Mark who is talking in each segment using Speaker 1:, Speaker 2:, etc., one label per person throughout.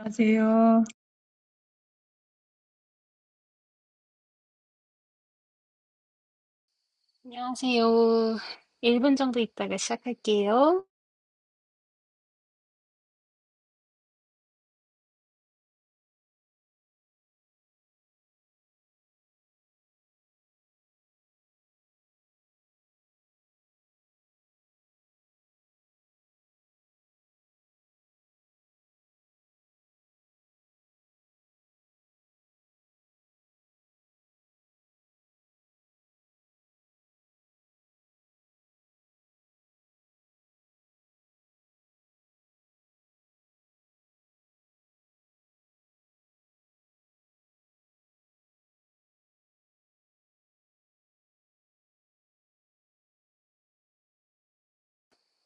Speaker 1: 안녕하세요.
Speaker 2: 안녕하세요. 1분 정도 있다가 시작할게요.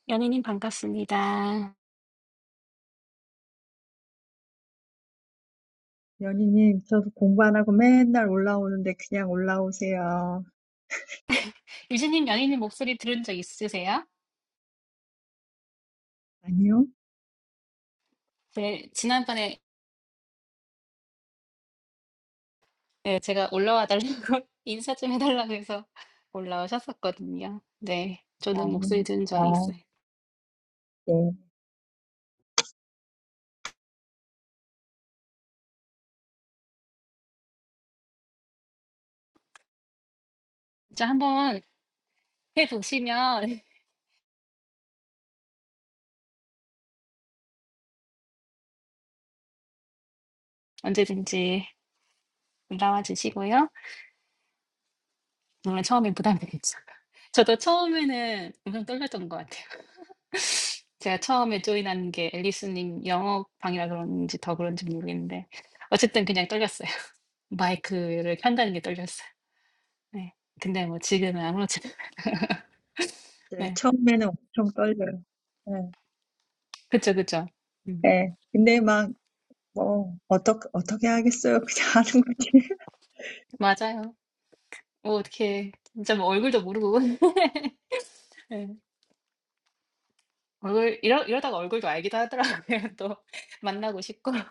Speaker 2: 연희님 반갑습니다.
Speaker 1: 연희님, 저도 공부 안 하고 맨날 올라오는데 그냥 올라오세요.
Speaker 2: 유진님 연희님 목소리 들은 적 있으세요?
Speaker 1: 아니요?
Speaker 2: 네, 지난번에 네, 제가 올라와 달라고 인사 좀 해달라고 해서 올라오셨었거든요. 네,
Speaker 1: 아,
Speaker 2: 저는 목소리 들은 적이
Speaker 1: 아,
Speaker 2: 있어요.
Speaker 1: 네.
Speaker 2: 진짜 한번 해보시면 언제든지 올라와 주시고요. 물론 처음엔 부담되겠죠. 저도 처음에는 엄청 떨렸던 것 같아요. 제가 처음에 조인한 게 앨리스 님 영어방이라 그런지 더 그런지 모르겠는데 어쨌든 그냥 떨렸어요. 마이크를 켠다는 게 떨렸어요. 네. 근데 뭐 지금은 아무렇지
Speaker 1: 네,
Speaker 2: 네.
Speaker 1: 처음에는 엄청 떨려요. 네.
Speaker 2: 그쵸, 그쵸. 음.
Speaker 1: 네. 근데 막, 뭐, 어떻게, 어떻게 하겠어요? 그냥 하는 거지.
Speaker 2: 맞아요. 뭐 어떻게 진짜 뭐 얼굴도 모르고 네. 얼굴 이러 이러다가 얼굴도 알기도 하더라고요. 또 만나고 싶고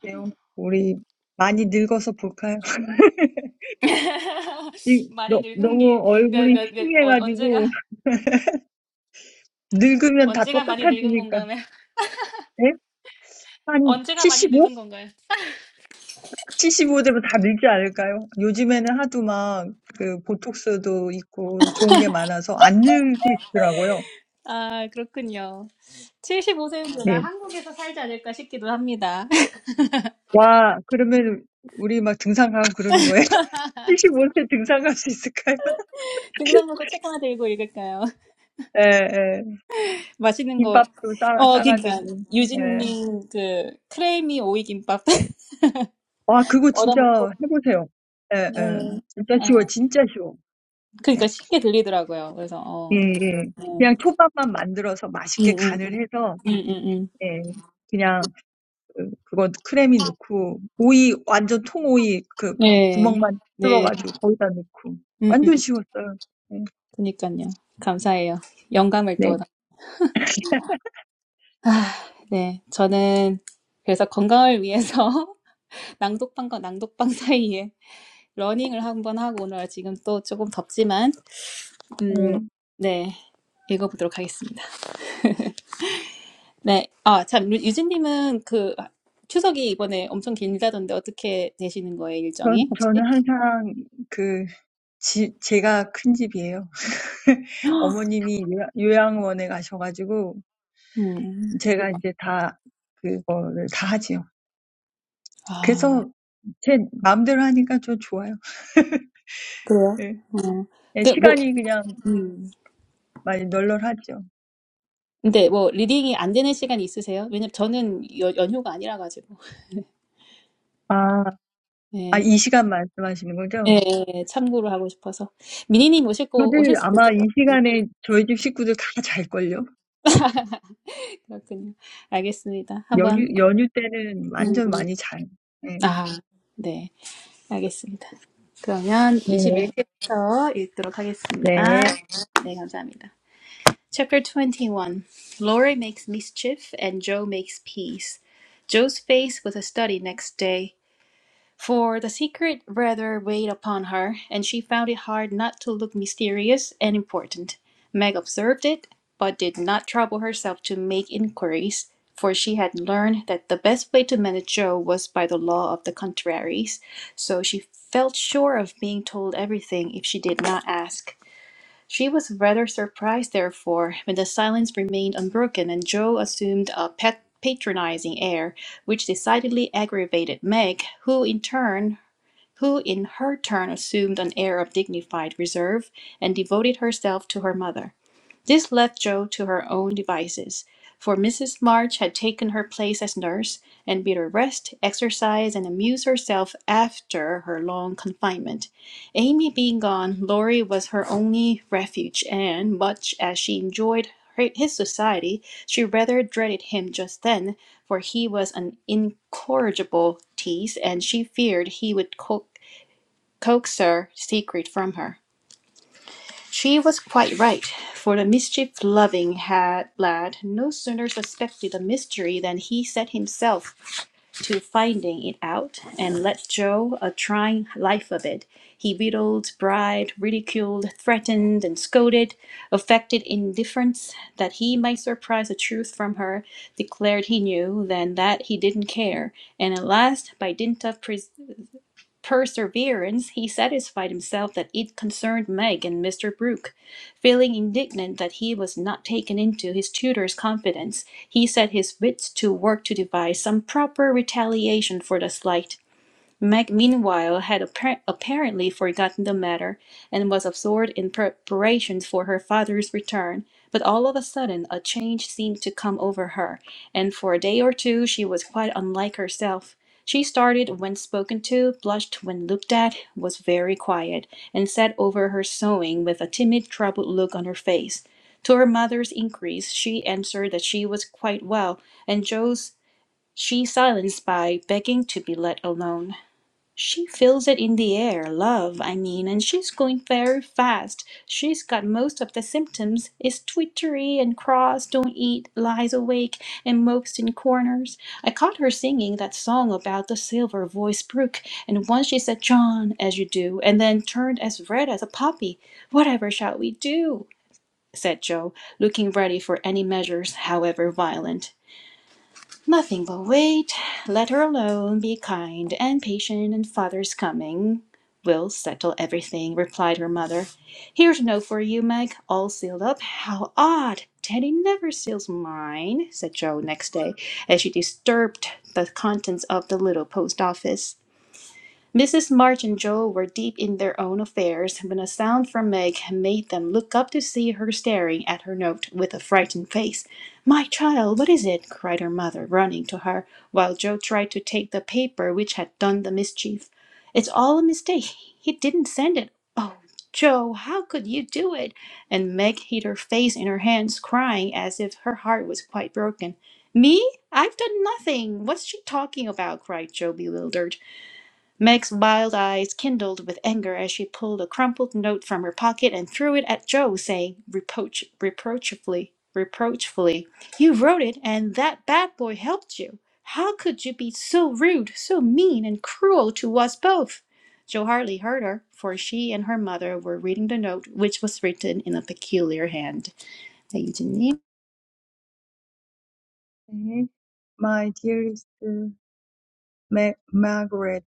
Speaker 1: 그래요. 우리 많이 늙어서 볼까요? 이-
Speaker 2: 많이
Speaker 1: 너,
Speaker 2: 늙은
Speaker 1: 너무
Speaker 2: 게 몇
Speaker 1: 얼굴이
Speaker 2: 몇몇언 언제가
Speaker 1: 흉해가지고, 늙으면 다
Speaker 2: 언제가 많이 늙은
Speaker 1: 똑같아지니까.
Speaker 2: 건가요?
Speaker 1: 네?
Speaker 2: 언제가 많이
Speaker 1: 한75
Speaker 2: 늙은 건가요?
Speaker 1: 75되면 다 늙지 않을까요? 요즘에는 하도 막 그 보톡스도 있고 좋은 게 많아서 안 늙으시더라고요.
Speaker 2: 아, 그렇군요. 75세는
Speaker 1: 네.
Speaker 2: 한국에서 살지 않을까 싶기도 합니다.
Speaker 1: 와, 그러면 우리 막 등산 가고 그러는 거예요? 75세 등산 갈수 있을까요?
Speaker 2: 등산보고 책 하나 들고 읽을까요?
Speaker 1: 예, 예.
Speaker 2: 맛있는 거,
Speaker 1: 김밥도 싸,
Speaker 2: 어, 그러니까
Speaker 1: 싸가지고. 예.
Speaker 2: 유진님 그크레미 오이 김밥
Speaker 1: 와, 그거 진짜
Speaker 2: 얻어먹고,
Speaker 1: 해보세요. 예, 예.
Speaker 2: 음,
Speaker 1: 진짜 쉬워,
Speaker 2: 아,
Speaker 1: 진짜 쉬워.
Speaker 2: 그러니까 쉽게 들리더라고요. 그래서 어,
Speaker 1: 예, 예.
Speaker 2: 네.
Speaker 1: 그냥 초밥만 만들어서
Speaker 2: 음,
Speaker 1: 맛있게
Speaker 2: 음, 음,
Speaker 1: 간을 해서,
Speaker 2: 음, 음, 음.
Speaker 1: 예. 그냥 그거 크래미 넣고 오이 완전 통오이 그
Speaker 2: 네,
Speaker 1: 구멍만
Speaker 2: 네,
Speaker 1: 뚫어가지고 거기다 넣고
Speaker 2: 음, 음,
Speaker 1: 완전 쉬웠어요. 네.
Speaker 2: 그니까요. 감사해요. 영감을 또,
Speaker 1: 네.
Speaker 2: 얻어- 아, 네, 저는 그래서 건강을 위해서 낭독방과 낭독방 사이에 러닝을 한번 하고 오늘 지금 또 조금 덥지만 음,
Speaker 1: 어,
Speaker 2: 네. 읽어보도록 하겠습니다. 네. 아, 참 유- 진 님은 그 추석이 이번에 엄청 길다던데 어떻게 되시는 거예요, 일정이?
Speaker 1: 전,
Speaker 2: 혹시?
Speaker 1: 저는 항상 그 집, 제가 큰 집이에요. 어머님이 요양- 요양원에 가셔가지고
Speaker 2: 음.
Speaker 1: 제가 이제 다 그거를 다 하지요.
Speaker 2: 아,
Speaker 1: 그래서 제 마음대로 하니까 좀 좋아요.
Speaker 2: 그래요?
Speaker 1: 네.
Speaker 2: 음.
Speaker 1: 네,
Speaker 2: 근데 뭐
Speaker 1: 시간이 그냥
Speaker 2: 음.
Speaker 1: 많이 널널하죠.
Speaker 2: 근데 뭐 리딩이 안 되는 시간이 있으세요? 왜냐면 저는 여, 연휴가 아니라 가지고.
Speaker 1: 아, 아,
Speaker 2: 네.
Speaker 1: 이 시간 말씀하시는 거죠?
Speaker 2: 예, 참고로 하고 싶어서 미니님 오실 거
Speaker 1: 다들
Speaker 2: 오실 수도
Speaker 1: 아마
Speaker 2: 있을 것
Speaker 1: 이
Speaker 2: 같아요.
Speaker 1: 시간에 저희 집 식구들 다 잘걸요?
Speaker 2: 그렇군요. 알겠습니다. 한번
Speaker 1: 연휴, 연휴 때는
Speaker 2: 음, 음.
Speaker 1: 완전 많이 자요. 네.
Speaker 2: 아, 네, 알겠습니다. 그러면
Speaker 1: 네.
Speaker 2: 21페이지부터 읽도록
Speaker 1: 네.
Speaker 2: 하겠습니다. 네, 감사합니다. Chapter 21. Laurie makes mischief and Joe makes peace. Joe's face was a study next day. For the secret rather weighed upon her, and she found it hard not to look mysterious and important. Meg observed it, but did not trouble herself to make inquiries, for she had learned that the best way to manage Joe was by the law of the contraries, so she felt sure of being told everything if she did not ask. She was rather surprised, therefore, when the silence remained unbroken and Joe assumed a pet patronizing air, which decidedly aggravated Meg, who in turn who in her turn assumed an air of dignified reserve and devoted herself to her mother. This left Jo to her own devices, for Mrs. March had taken her place as nurse and bid her rest, exercise, and amuse herself after her long confinement. Amy being gone, Laurie was her only refuge, and much as she enjoyed his society, she rather dreaded him just then, for he was an incorrigible tease, and she feared he would co Coaxed her secret from her. She was quite right, for the mischief loving had lad no sooner suspected the mystery than he set himself to finding it out and let Joe a trying life of it. He wheedled, bribed, ridiculed, threatened, and scolded, affected indifference that he might surprise the truth from her, declared he knew, then that he didn't care, and at last, by dint of perseverance, perseverance, he satisfied himself that it concerned Meg and Mr. Brooke. Feeling indignant that he was not taken into his tutor's confidence, he set his wits to work to devise some proper retaliation for the slight. Meg, meanwhile, had appar- apparently forgotten the matter and was absorbed in preparations for her father's return. But all of a sudden, a change seemed to come over her, and for a day or two she was quite unlike herself. She started when spoken to, blushed when looked at, was very quiet, and sat over her sewing with a timid, troubled look on her face. To her mother's inquiries, she answered that she was quite well, and Joe's she silenced by begging to be let alone. She feels it in the air, love, I mean, and she's going very fast. She's got most of the symptoms, is twittery and cross, don't eat, lies awake, and mopes in corners. I caught her singing that song about the silver voiced brook, and once she said, John, as you do, and then turned as red as a poppy. Whatever shall we do? said Joe, looking ready for any measures, however violent. Nothing will wait. Let her alone. Be kind and patient, and father's coming will settle everything, replied her mother. Here's a note for you, Meg, all sealed up. How odd! Teddy never seals mine, said Joe next day, as she disturbed the contents of the little post office. Mrs. March and Joel were deep in their own affairs when a sound from Meg made them look up to see her staring at her note with a frightened face. My child, what is it? cried her mother, running to her, while Joe tried to take the paper which had done the mischief. It's all a mistake. He didn't send it. Oh, Joe, how could you do it? And Meg hid her face in her hands, crying as if her heart was quite broken. Me? I've done nothing. What's she talking about? cried Joe, bewildered. Meg's wild eyes kindled with anger as she pulled a crumpled note from her pocket and threw it at Joe, saying reproach, reproachfully, reproachfully, "You wrote it, and that bad boy helped you. How could you be so rude, so mean, and cruel to us both?" Joe hardly heard her, for she and her mother were reading the note, which was written in a peculiar hand. 네, 유진님.
Speaker 1: 네. My dearest Ma- Margaret,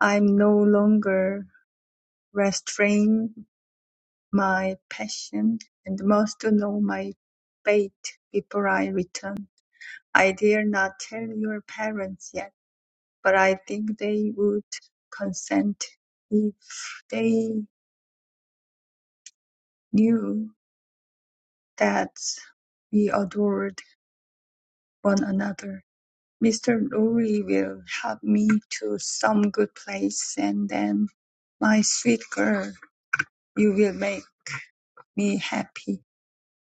Speaker 1: I'm no longer restrain my passion and must know my fate before I return. I dare not tell your parents yet, but I think they would consent if they knew That we adored one another. Mr. Lorry will help me to some good place, and then, my sweet girl, you will make me happy.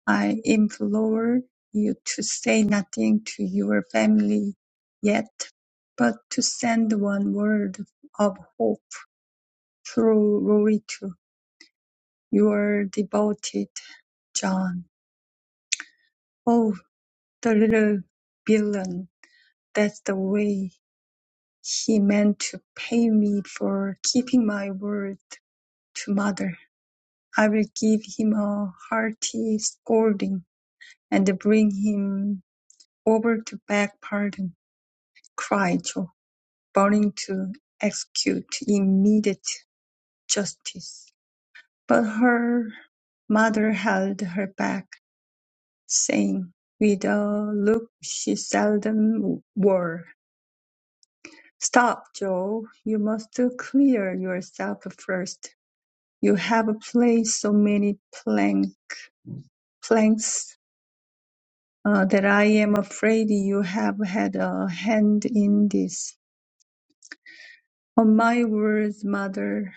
Speaker 1: I implore you to say nothing to your family yet, but to send one word of hope through Lorry to your devoted John. Oh, the little villain, that's the way. He meant to pay me for keeping my word to mother. I will give him a hearty scolding and bring him over to beg pardon, cried Joe, burning to execute immediate justice. But her mother held her back, saying, with a look she seldom wore, Stop, Joe. You must clear yourself first. You have placed so many plank, planks uh, that I am afraid you have had a hand in this. On my words, mother,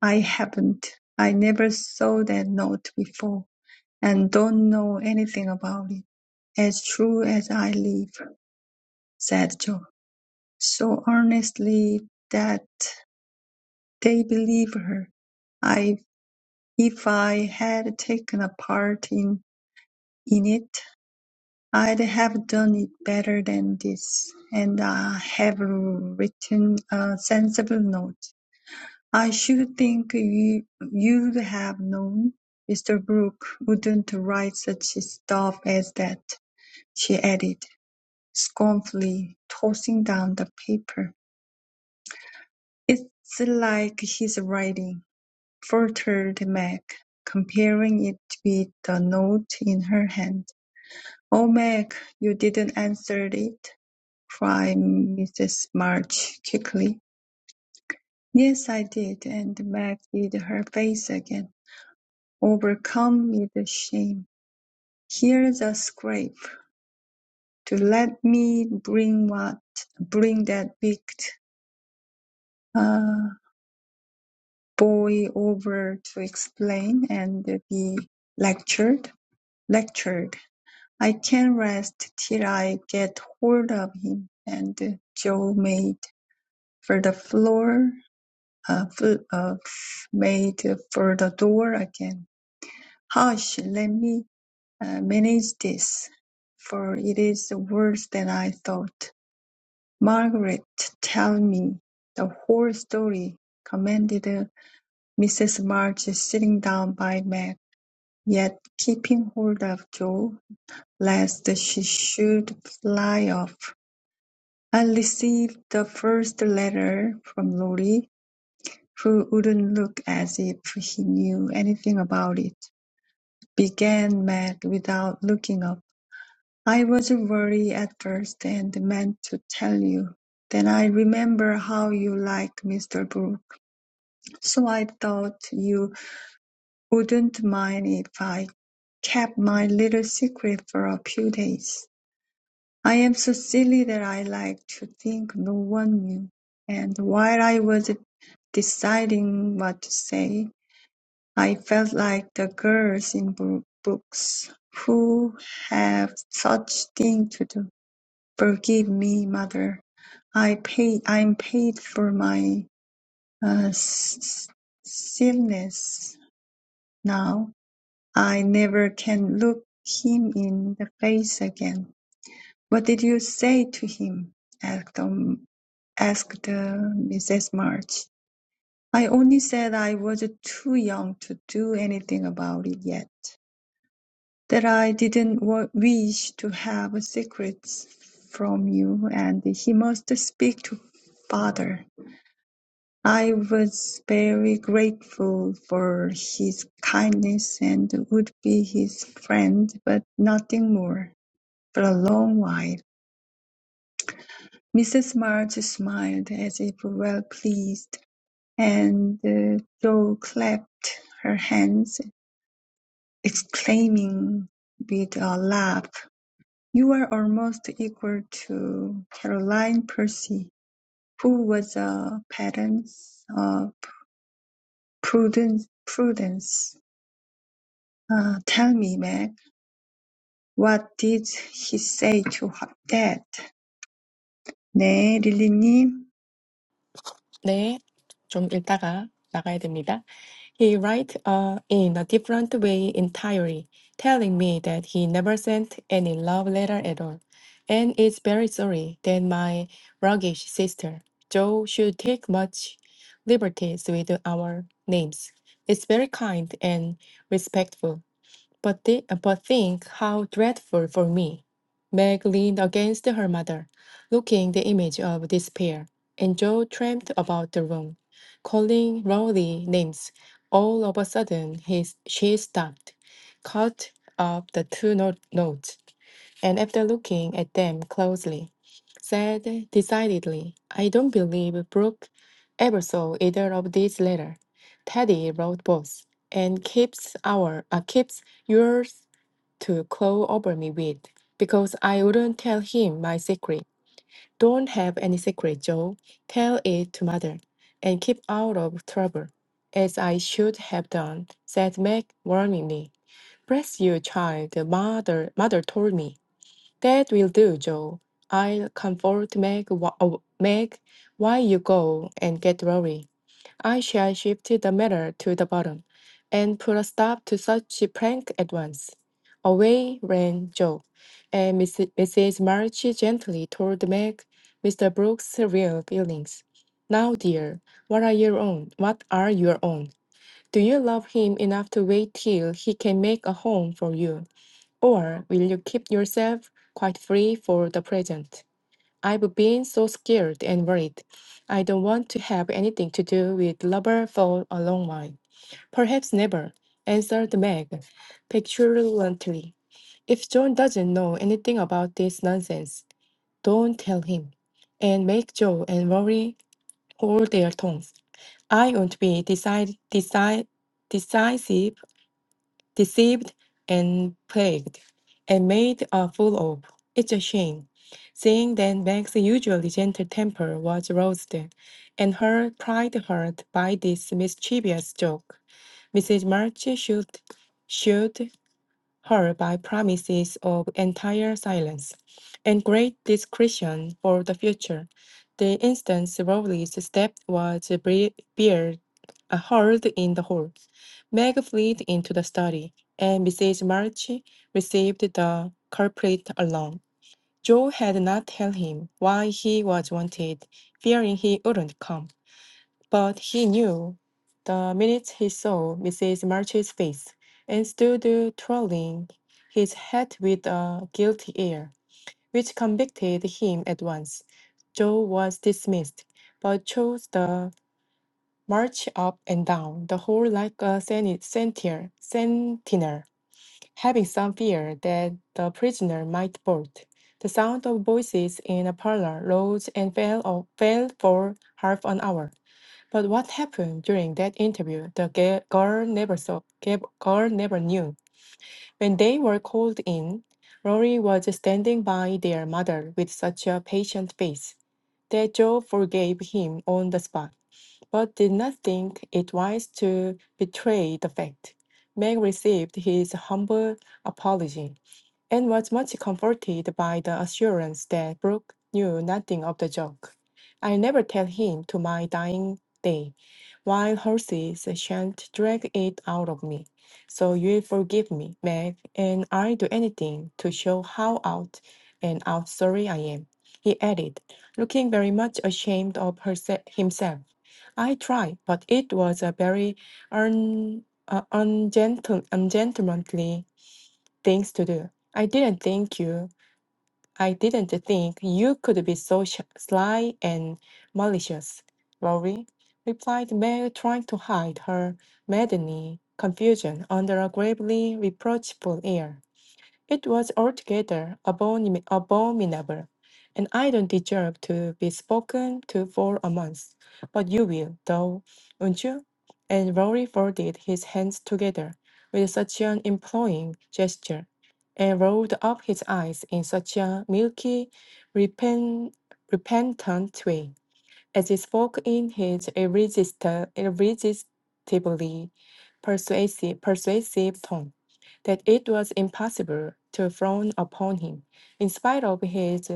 Speaker 1: I haven't. I never saw that note before and don't know anything about it. As true as I live, said Joe, so earnestly that they believed her. I, if I had taken a part in, in it, I'd have done it better than this, and I have written a sensible note. I should think you, you'd have known Mr. Brooke wouldn't write such stuff as that, she added, scornfully tossing down the paper. It's like his writing, faltered Meg, comparing it with the note in her hand. Oh, Meg, you didn't answer it. cried Mrs. March quickly. "Yes, I did," and Meg hid her face again, overcome with shame. "Here's a scrape to let me bring what bring that wicked uh, boy over to explain and be lectured. Lectured. I can't rest till I get hold of him." And Joe made for the floor a foot of made for the door again. Hush, let me uh, manage this, for it is worse than I thought. Margaret, tell me the whole story, commanded Mrs. March, sitting down by Meg, yet keeping hold of Joe, lest she should fly off. I received the first letter from Lori who wouldn't look as if he knew anything about it, began Matt without looking up. "I was worried at first and meant to tell you. Then I remember how you like Mr. Brooke, so I thought you wouldn't mind if I kept my little secret for a few days. I am so silly that I like to think no one knew, and while I was deciding what to say, I felt like the girls in bo- books who have such things to do. Forgive me, mother. I pay. I'm paid for my uh, s- s- silliness now. I never can look him in the face again. What did you say to him? Asked, um, asked uh, Mrs. March. I only said I was too young to do anything about it yet. that I didn't wa- wish to have secrets from you, and he must speak to father. I was very grateful for his kindness and would be his friend, but nothing more for a long while. Mrs. March smiled as if well pleased, and uh, Jo clapped her hands, exclaiming with a laugh. You are almost equal to Caroline Percy, who was a pattern of prudence. prudence. Ah, tell me, Meg, what did he say to her dad? 네, 릴리님.
Speaker 3: 네, 좀 읽다가 나가야 됩니다. He write uh, in a different way entirely, telling me that he never sent any love letter at all, and is very sorry that my roguish sister Jo should take much liberties with our names. It's very kind and respectful, but, thi- but think how dreadful for me. Meg leaned against her mother, looking the image of despair, and Joe tramped about the room, calling Rowley names. All of a sudden, he, she stopped, caught up the two no- notes and after looking at them closely, said decidedly, I don't believe Brooke ever saw either of these letters. Teddy wrote both, and keeps our uh, keeps yours to claw over me with, because I wouldn't tell him my secret. Don't have any secret, Joe. Tell it to mother, and keep out of trouble, as I should have done, said Meg warningly. Bless you, child, mother mother told me. That will do, Joe. I'll comfort Meg, wh- uh, Meg while you go and get Rory. I shall shift the matter to the bottom and put a stop to such prank at once. Away ran Joe, and Miss, Mrs. March gently told Meg Mr. Brooks' real feelings. Now, dear, what are your own? What are your own? Do you love him enough to wait till he can make a home for you? Or will you keep yourself quite free for the present? I've been so scared and worried. I don't want to have anything to do with rubber for a long while. Perhaps never, answered Meg petulantly. If John doesn't know anything about this nonsense, don't tell him. And make Joe and Rory hold their tongues. I won't be decide, decide, decisive deceived and plagued, and made a fool of. It's a shame. Seeing that Meg's usually gentle temper was roused, and her pride hurt by this mischievous joke, Mrs. March should, should her by promises of entire silence and great discretion for the future. The instant Rowley's step was bre- beard- uh, heard in the hall. Meg fled into the study, and Mrs. March received the culprit alone. Joe had not told him why he was wanted, fearing he wouldn't come. But he knew the minute he saw Mrs. March's face, and stood twirling his hat with a guilty air, which convicted him at once. Joe was dismissed, but chose the march up and down the hall like a seni- sentinel, sentinel, having some fear that the prisoner might bolt. The sound of voices in a parlor rose and fell, o- fell for half an hour. But what happened during that interview, the ga- girl never saw, ga- girl never knew. When they were called in, Rory was standing by their mother with such a patient face that Joe forgave him on the spot, but did not think it wise to betray the fact. Meg received his humble apology and was much comforted by the assurance that Brooke knew nothing of the joke. I'll never tell him to my dying day, while horses shan't drag it out of me. So you'll forgive me, Meg, and I'll do anything to show how out and out sorry I am, he added, looking very much ashamed of herse- himself. I tried, but it was a very un- uh, ungentle- ungentlemanly things to do. I didn't think you. I didn't think you could be so sh- sly and malicious, Rory, replied May, trying to hide her maddening confusion under a gravely reproachful air. It was altogether abomin- abominable, and I don't deserve to be spoken to for a month. But you will, though, won't you? And Rory folded his hands together with such an imploring gesture, and rolled up his eyes in such a milky, repent- repentant way. As he spoke in his irresisti- irresistibly persuasive, persuasive tone, that it was impossible to frown upon him, in spite of his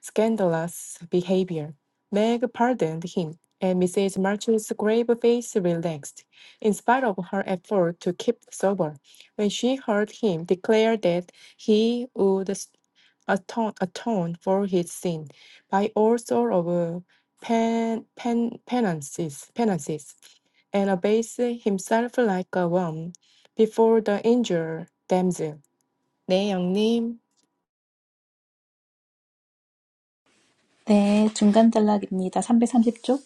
Speaker 3: scandalous behavior. Meg pardoned him, and Mrs. March's grave face relaxed, in spite of her effort to keep sober, when she heard him declare that he would s- atone, atone for his sin by all sorts of pen, pen, penances, penances, and abase himself like a worm before the injured damsel. 네, 영님.
Speaker 2: 네, 중간 전략입니다. 330쪽.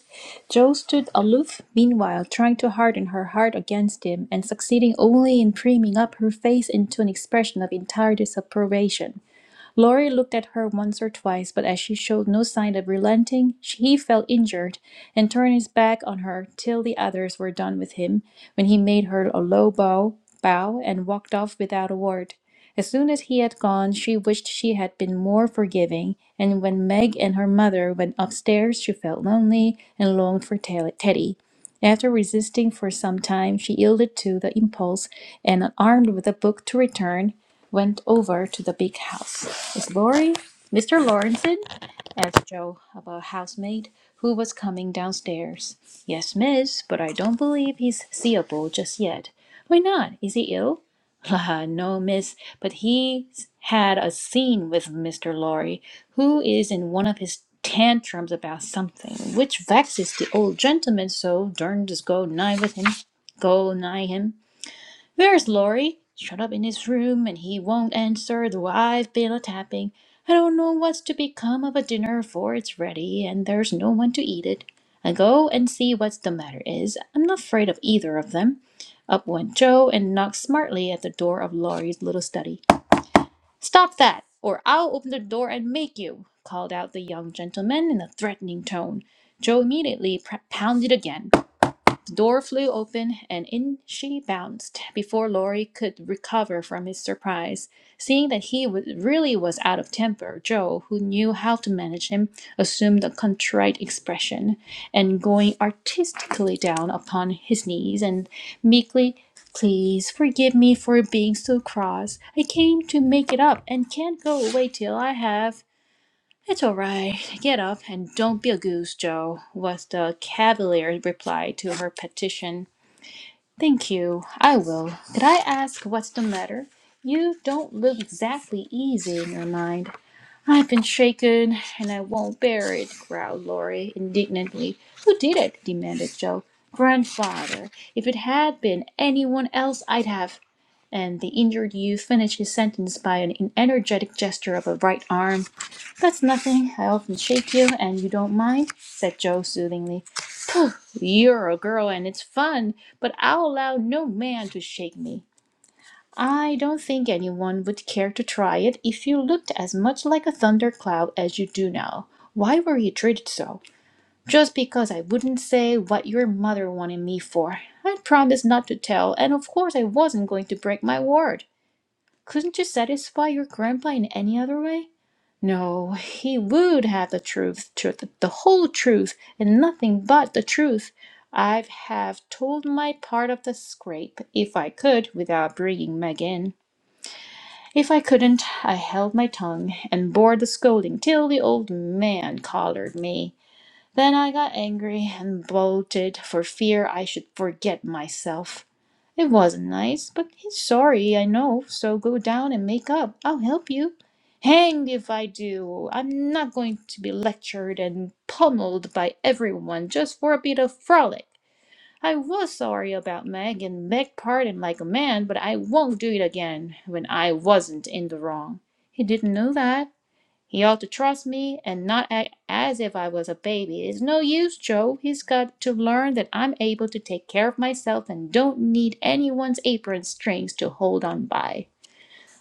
Speaker 2: Jo stood aloof, meanwhile, trying to harden her heart against him, and succeeding only in priming up her face into an expression of entire disapprobation. Laurie looked at her once or twice, but as she showed no sign of relenting, he felt injured and turned his back on her till the others were done with him, when he made her a low bow, bow and walked off without a word. As soon as he had gone, she wished she had been more forgiving, and when Meg and her mother went upstairs, she felt lonely and longed for Tel- Teddy. After resisting for some time, she yielded to the impulse and, armed with a book, to return went over to the big house. It's Laurie, Mr. Lawrenson? asked Joe of a housemaid who was coming downstairs. Yes, miss, but I don't believe he's seeable just yet. Why not? Is he ill? La, no, miss, but he's had a scene with Mr. Lorry, who is in one of his tantrums about something, which vexes the old gentleman so darn just go nigh with him, go nigh him. Where's Laurie? Shut up in his room and he won't answer though I've been a tapping. I don't know what's to become of a dinner for it's ready and there's no one to eat it. I go and see what's the matter is. I'm not afraid of either of them. Up went Joe and knocked smartly at the door of Laurie's little study. Stop that, or I'll open the door and make you, called out the young gentleman in a threatening tone. Joe immediately pr- pounded again. The door flew open, and in she bounced before Laurie could recover from his surprise. Seeing that he wa- really was out of temper, Joe, who knew how to manage him, assumed a contrite expression, and going artistically down upon his knees and meekly, "Please forgive me for being so cross. I came to make it up and can't go away till I have." It's all right. Get up and don't be a goose, Joe, was the cavalier reply to her petition. Thank you. I will. Could I ask what's the matter? You don't look exactly easy in your mind. I've been shaken, and I won't bear it, growled Laurie indignantly. Who did it? demanded Joe. Grandfather. If it had been anyone else, I'd have. And the injured youth finished his sentence by an energetic gesture of a right arm. That's nothing. I often shake you, and you don't mind, said Joe soothingly. Pooh, you're a girl, and it's fun, but I'll allow no man to shake me. I don't think anyone would care to try it if you looked as much like a thundercloud as you do now. Why were you treated so? Just because I wouldn't say what your mother wanted me for. I'd promised not to tell, and of course I wasn't going to break my word. Couldn't you satisfy your grandpa in any other way? No, he would have the truth, the whole truth, and nothing but the truth. I'd have told my part of the scrape, if I could, without bringing Meg in. If I couldn't, I held my tongue and bore the scolding till the old man collared me. Then I got angry and bolted for fear I should forget myself. It wasn't nice, but he's sorry, I know, so go down and make up. I'll help you. Hanged if I do. I'm not going to be lectured and pummeled by everyone just for a bit of frolic. I was sorry about Meg and begged pardon like a man, but I won't do it again when I wasn't in the wrong. He didn't know that. He ought to trust me and not act as if I was a baby. It's no use, Joe. He's got to learn that I'm able to take care of myself and don't need anyone's apron strings to hold on by.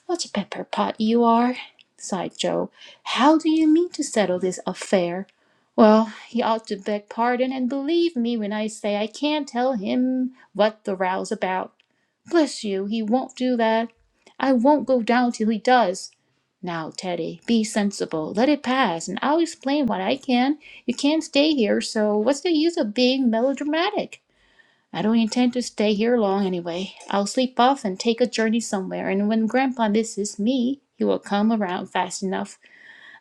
Speaker 2: "What a pepper pot you are!" sighed Joe. "How do you mean to settle this affair? Well, he ought to beg pardon and believe me when I say I can't tell him what the row's about. Bless you, he won't do that. I won't go down till he does. Now, Teddy, be sensible. Let it pass, and I'll explain what I can. You can't stay here, so what's the use of being melodramatic? I don't intend to stay here long, anyway. I'll sleep off and take a journey somewhere, and when grandpa misses me he will come around fast enough.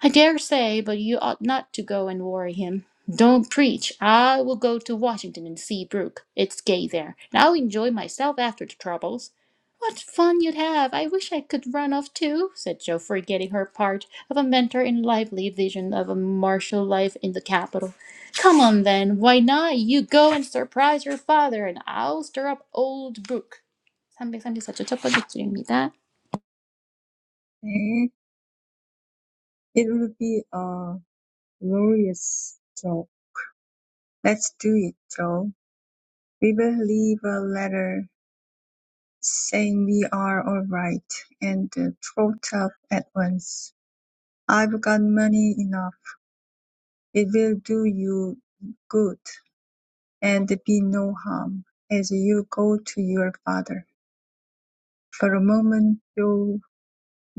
Speaker 2: I dare say, but you ought not to go and worry him. Don't preach. I will go to Washington and see Brooke. It's gay there, and I'll enjoy myself after the troubles. What fun you'd have! I wish I could run off too, said Jo, forgetting her part of a mentor in lively vision of a martial life in the capital. Come on then, why not? You go and surprise your father, and I'll stir up old Brooke. 334쪽 첫 번째 줄입니다.
Speaker 1: 네, it will be a glorious job. Let's do it, Joe. We will leave a letter saying we are all right and uh, trot up at once. I've got money enough It will do you good and be no harm. As you go to your father." For a moment Joe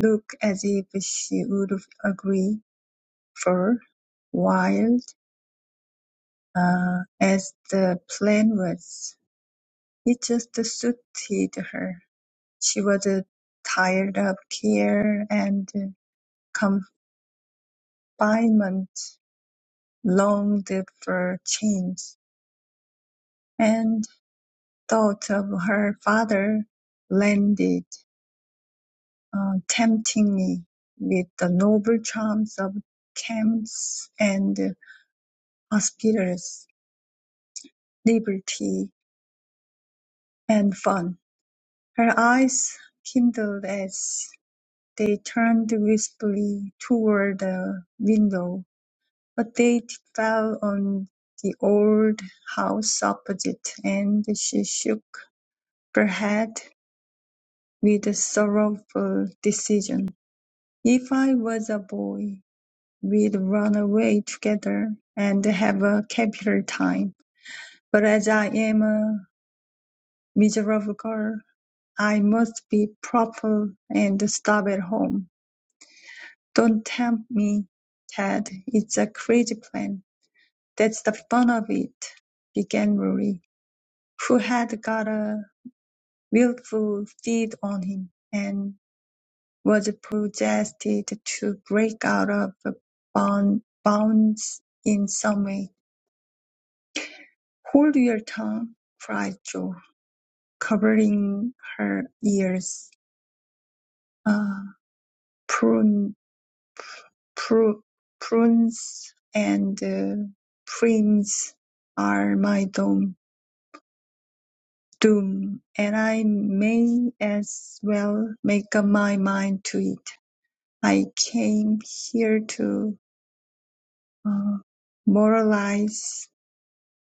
Speaker 1: looked as if she would agree, for, wild uh, as the plan was, it just suited her. She was uh, tired of care and confinement, longed for change, and. thought of her father landed, uh, tempting me with the noble charms of camps and hospitals, liberty and fun. Her eyes kindled as they turned wistfully toward the window, but they fell on the old house opposite, and she shook her head with sorrowful decision. If I was a boy, we'd run away together and have a capital time, but as I am a miserable girl, I must be proper and stop at home. Don't tempt me, Ted. It's a crazy plan. That's the fun of it, began Rory, who had got a willful feed on him, and. was possessed to break out of bond, bounds in some way. "Hold your tongue," cried Jo, covering her ears. Uh, prune, pru- prunes and uh, prints are my doom, doom, and I may as well make up my mind to it. I came here to uh, moralize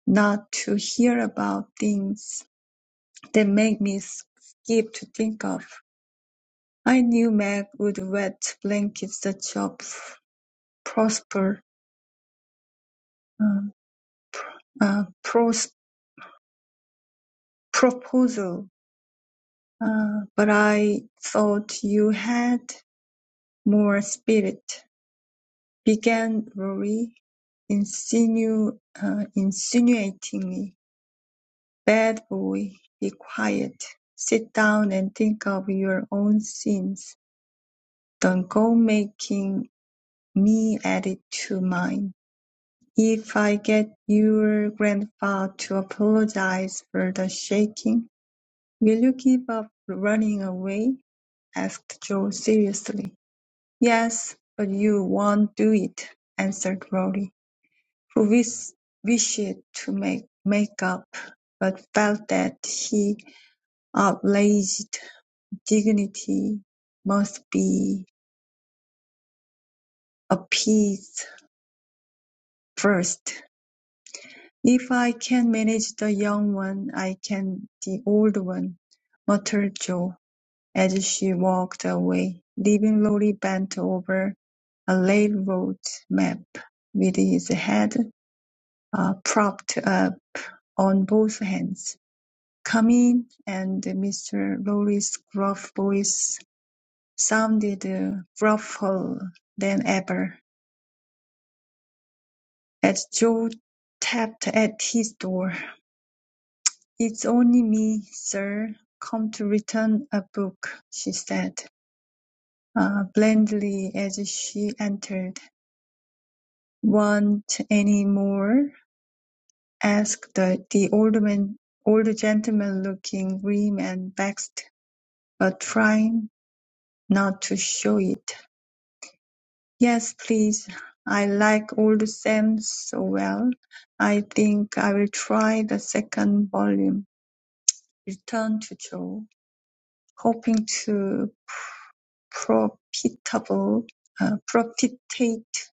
Speaker 1: not to hear about things that make me skip to think of. I knew Meg would wet blanket such a p- prosper uh, uh, pros- proposal, uh, but I thought you had more spirit. Began Rory, insinu- uh, insinuatingly. Bad boy, be quiet. Sit down and think of your own sins. The goal-making me added to mine: If I get your grandpa to apologize for the shaking, will you give up running away? asked Joe seriously. Yes, but you won't do it, answered Rory, who wish- wished to make, make up, but felt that his outraged dignity must be appeased first. "If I can manage the young one, I can the old one," muttered Jo, as she walked away, leaving Lorry bent over a railroad map, with his head uh, propped up on both hands. "Come in," and Mr. Lorry's gruff voice sounded uh, gruffer than ever, as Jo tapped at his door. "It's only me, sir, come to return a book," she said, uh, blandly, as she entered. "Want any more?" asked the the old man, old gentleman, looking grim and vexed, but trying not to show it. "Yes, please. I like old Sam so well, I think I'll try the second volume," returned Joe, hoping to profitable, uh, propitiate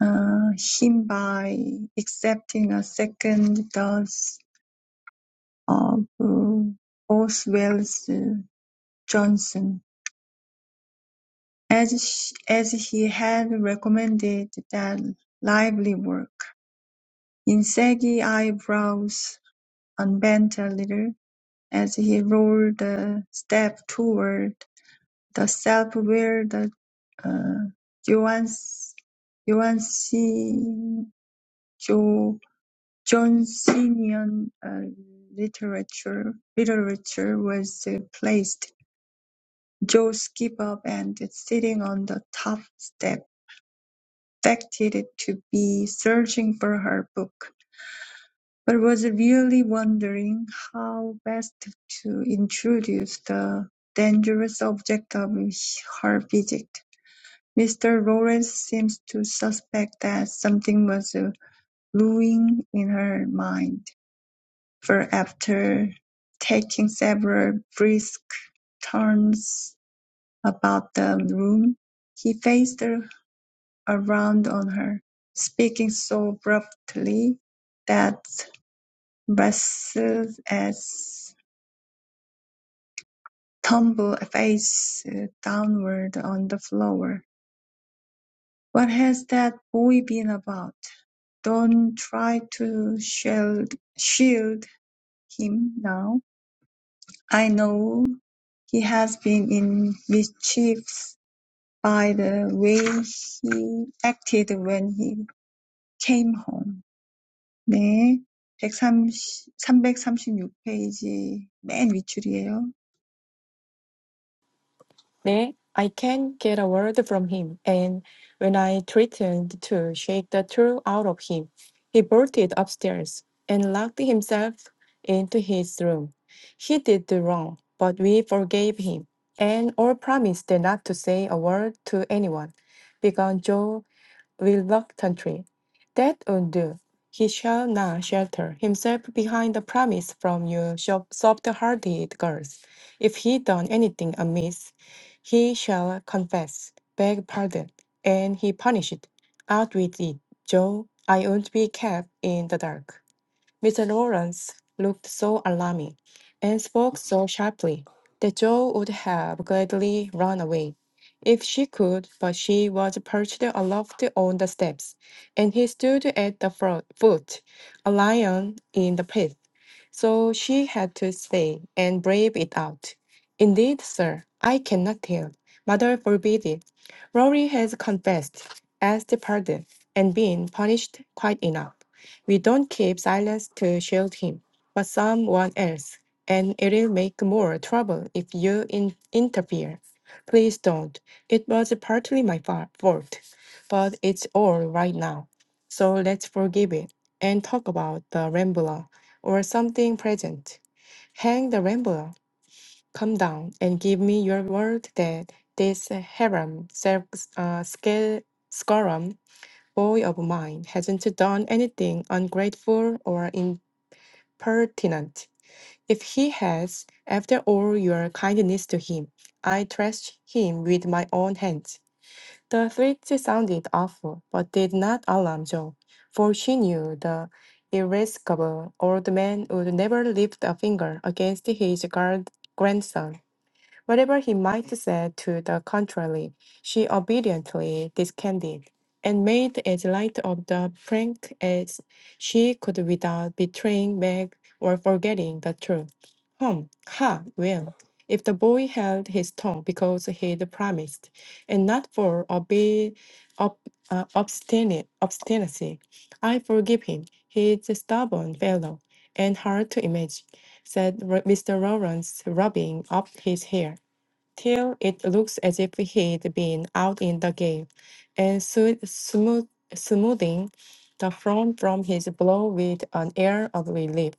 Speaker 1: uh, him by accepting a second dose of uh, Oswell's uh, Johnson, as sh- as he had recommended that lively work. In saggy eyebrows unbent a little as he rolled a step toward the self will the uh, Joan's Joansi- Jo Johnsonian uh, literature literature was uh, placed. Joe skipped up and sitting on the top step, affected to be searching for her book, but was really wondering how best to introduce the dangerous object of her visit. Mr. Lawrence seems to suspect that something was brewing in her mind, for after taking several brisk turns about the room, he faced around on her, speaking so abruptly that Russell's tumbled face downward on the floor. What has that boy been about? Don't try to shield shield him now. I know he has been in mischief by the way he acted when he came home. 네, 130, 페이지 맨 윗줄이에요.
Speaker 3: 네, I can not get a word from him, and when I threatened to shake the truth out of him, he bolted upstairs and locked himself into his room. He did the wrong, but we forgave him, and all promised not to say a word to anyone. Began Joe reluctantly. That won't do. He shall not shelter himself behind the promise from you soft- soft-hearted girls. If he done anything amiss, he shall confess, beg pardon, and he punished. Out with it, Joe. I won't be kept in the dark. Mr. Lawrence looked so alarming and spoke so sharply that Jo would have gladly run away if she could, but she was perched aloft on the steps, and he stood at the fro- foot, a lion in the pit. So she had to stay and brave it out. Indeed, sir, I cannot tell. Mother forbid it. Rory has confessed, asked pardon, and been punished quite enough. We don't keep silence to shield him, but someone else, and it'll make more trouble if you in- interfere. Please don't. It was partly my fa- fault, but it's all right now. So let's forgive it and talk about the Rambler or something present. Hang the Rambler. Come down and give me your word that this Haram, Sel- uh, Scarum boy of mine hasn't done anything ungrateful or impertinent. If he has, after all your kindness to him, I thrashed him with my own hands. The threat sounded awful, but did not alarm Jo, for she knew the irascible old man would never lift a finger against his guard grandson. Whatever he might say to the contrary, she obediently discarded, and made as light of the prank as she could without betraying Meg or forgetting the truth. Hum, ha, well, if the boy held his tongue because he'd promised, and not for obe- ob- uh, obstinate, obstinacy, I forgive him. He's a stubborn fellow, and hard to image, said Ro- Mr. Lawrence, rubbing up his hair till it looks as if he'd been out in the game, and soo- smooth, smoothing the frown from his brow with an air of relief.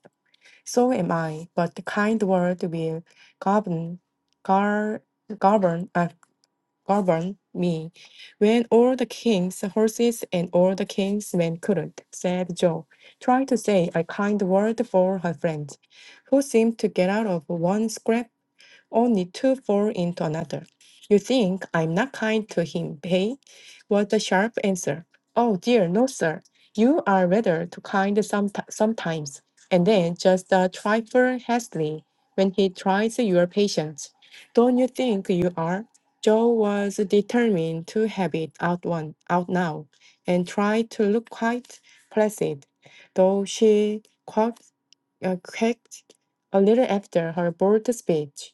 Speaker 3: So am I, but the kind word will govern, gar, govern, uh, govern me. When all the king's horses and all the king's men couldn't, said Joe, trying to say a kind word for her friend, who seemed to get out of one scrape only to fall into another. You think I'm not kind to him, hey? was the sharp answer. Oh dear, no, sir. You are rather too kind someti- sometimes. And then just a trifle hastily when he tries your patience. Don't you think you are? Joe was determined to have it out one out now, and tried to look quite placid, though she coughed uh, quaked a little after her bold speech.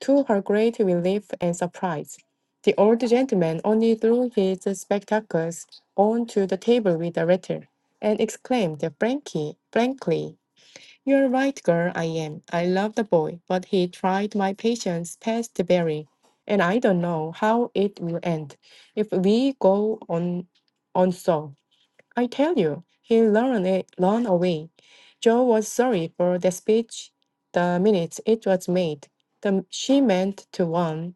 Speaker 3: To her great relief and surprise, the old gentleman only threw his spectacles onto the table with a rattle, and exclaimed frankly, frankly, "You're right, girl. I am. I love the boy, but he tried my patience past bearing, and I don't know how it will end if we go on, on so." I tell you, he ran, a- ran away. Joe was sorry for the speech the minute it was made. The, she meant to warn,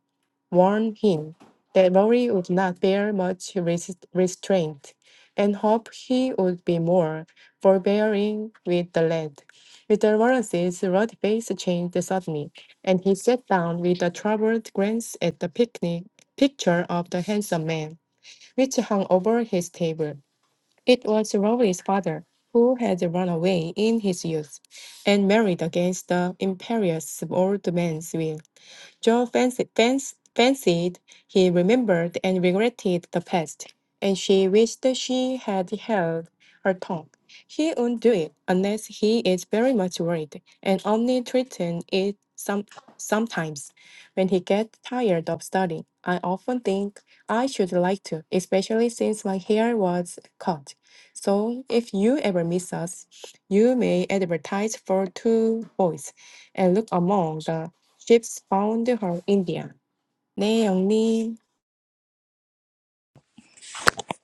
Speaker 3: warn him that Rory would not bear much resist, restraint and hope he would be more forbearing with the lad. Mr. Lawrence's ruddy face changed suddenly, and he sat down with a troubled glance at the picnic picture of the handsome man, which hung over his table. It was Rory's father, who had run away in his youth and married against the imperious old man's will. Joe fancied, fancied he remembered and regretted the past, and she wished she had held her tongue. He won't do it unless he is very much worried, and only threaten it some sometimes when he gets tired of studying. I often think I should like to, especially since my hair was cut. So if you ever miss us, you may advertise for two boys and look among the Ships found from India. 네, 영님.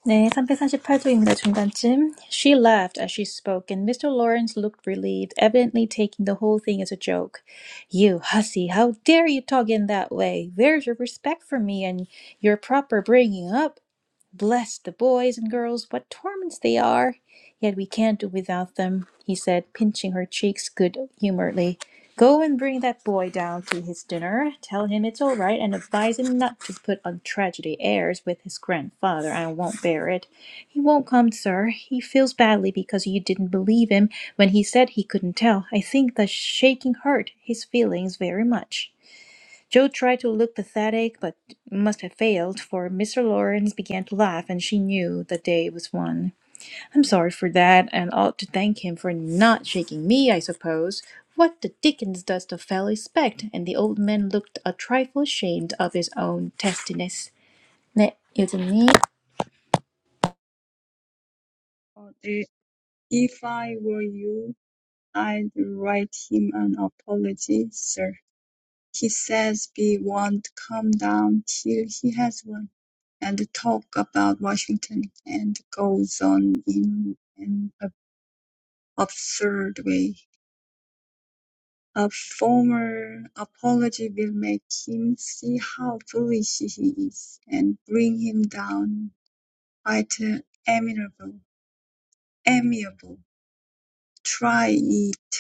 Speaker 2: 네, 348쪽입니다. 중간쯤. She laughed as she spoke, and Mr. Lawrence looked relieved, evidently taking the whole thing as a joke. You hussy, how dare you talk in that way? Where's your respect for me and your proper bringing up? Bless the boys and girls, what torments they are! Yet we can't do without them, he said, pinching her cheeks good humouredly. Go and bring that boy down to his dinner. Tell him it's all right, and advise him not to put on tragedy airs with his grandfather. I won't bear it. He won't come, sir. He feels badly because you didn't believe him when he said he couldn't tell. I think the shaking hurt his feelings very much. Joe tried to look pathetic, but must have failed, for Mr. Lawrence began to laugh, and she knew the day was won. I'm sorry for that, and ought to thank him for not shaking me, I suppose. What the dickens does the fellow expect? And the old man looked a trifle ashamed of his own testiness. 네, 요즘님.
Speaker 1: 어, 네. If I were you, I'd write him an apology, sir. He says we won't come down till he has one, and talk about Washington, and goes on in an absurd way. A formal apology will make him see how foolish he is and bring him down quite amiable. Amiable. Try it.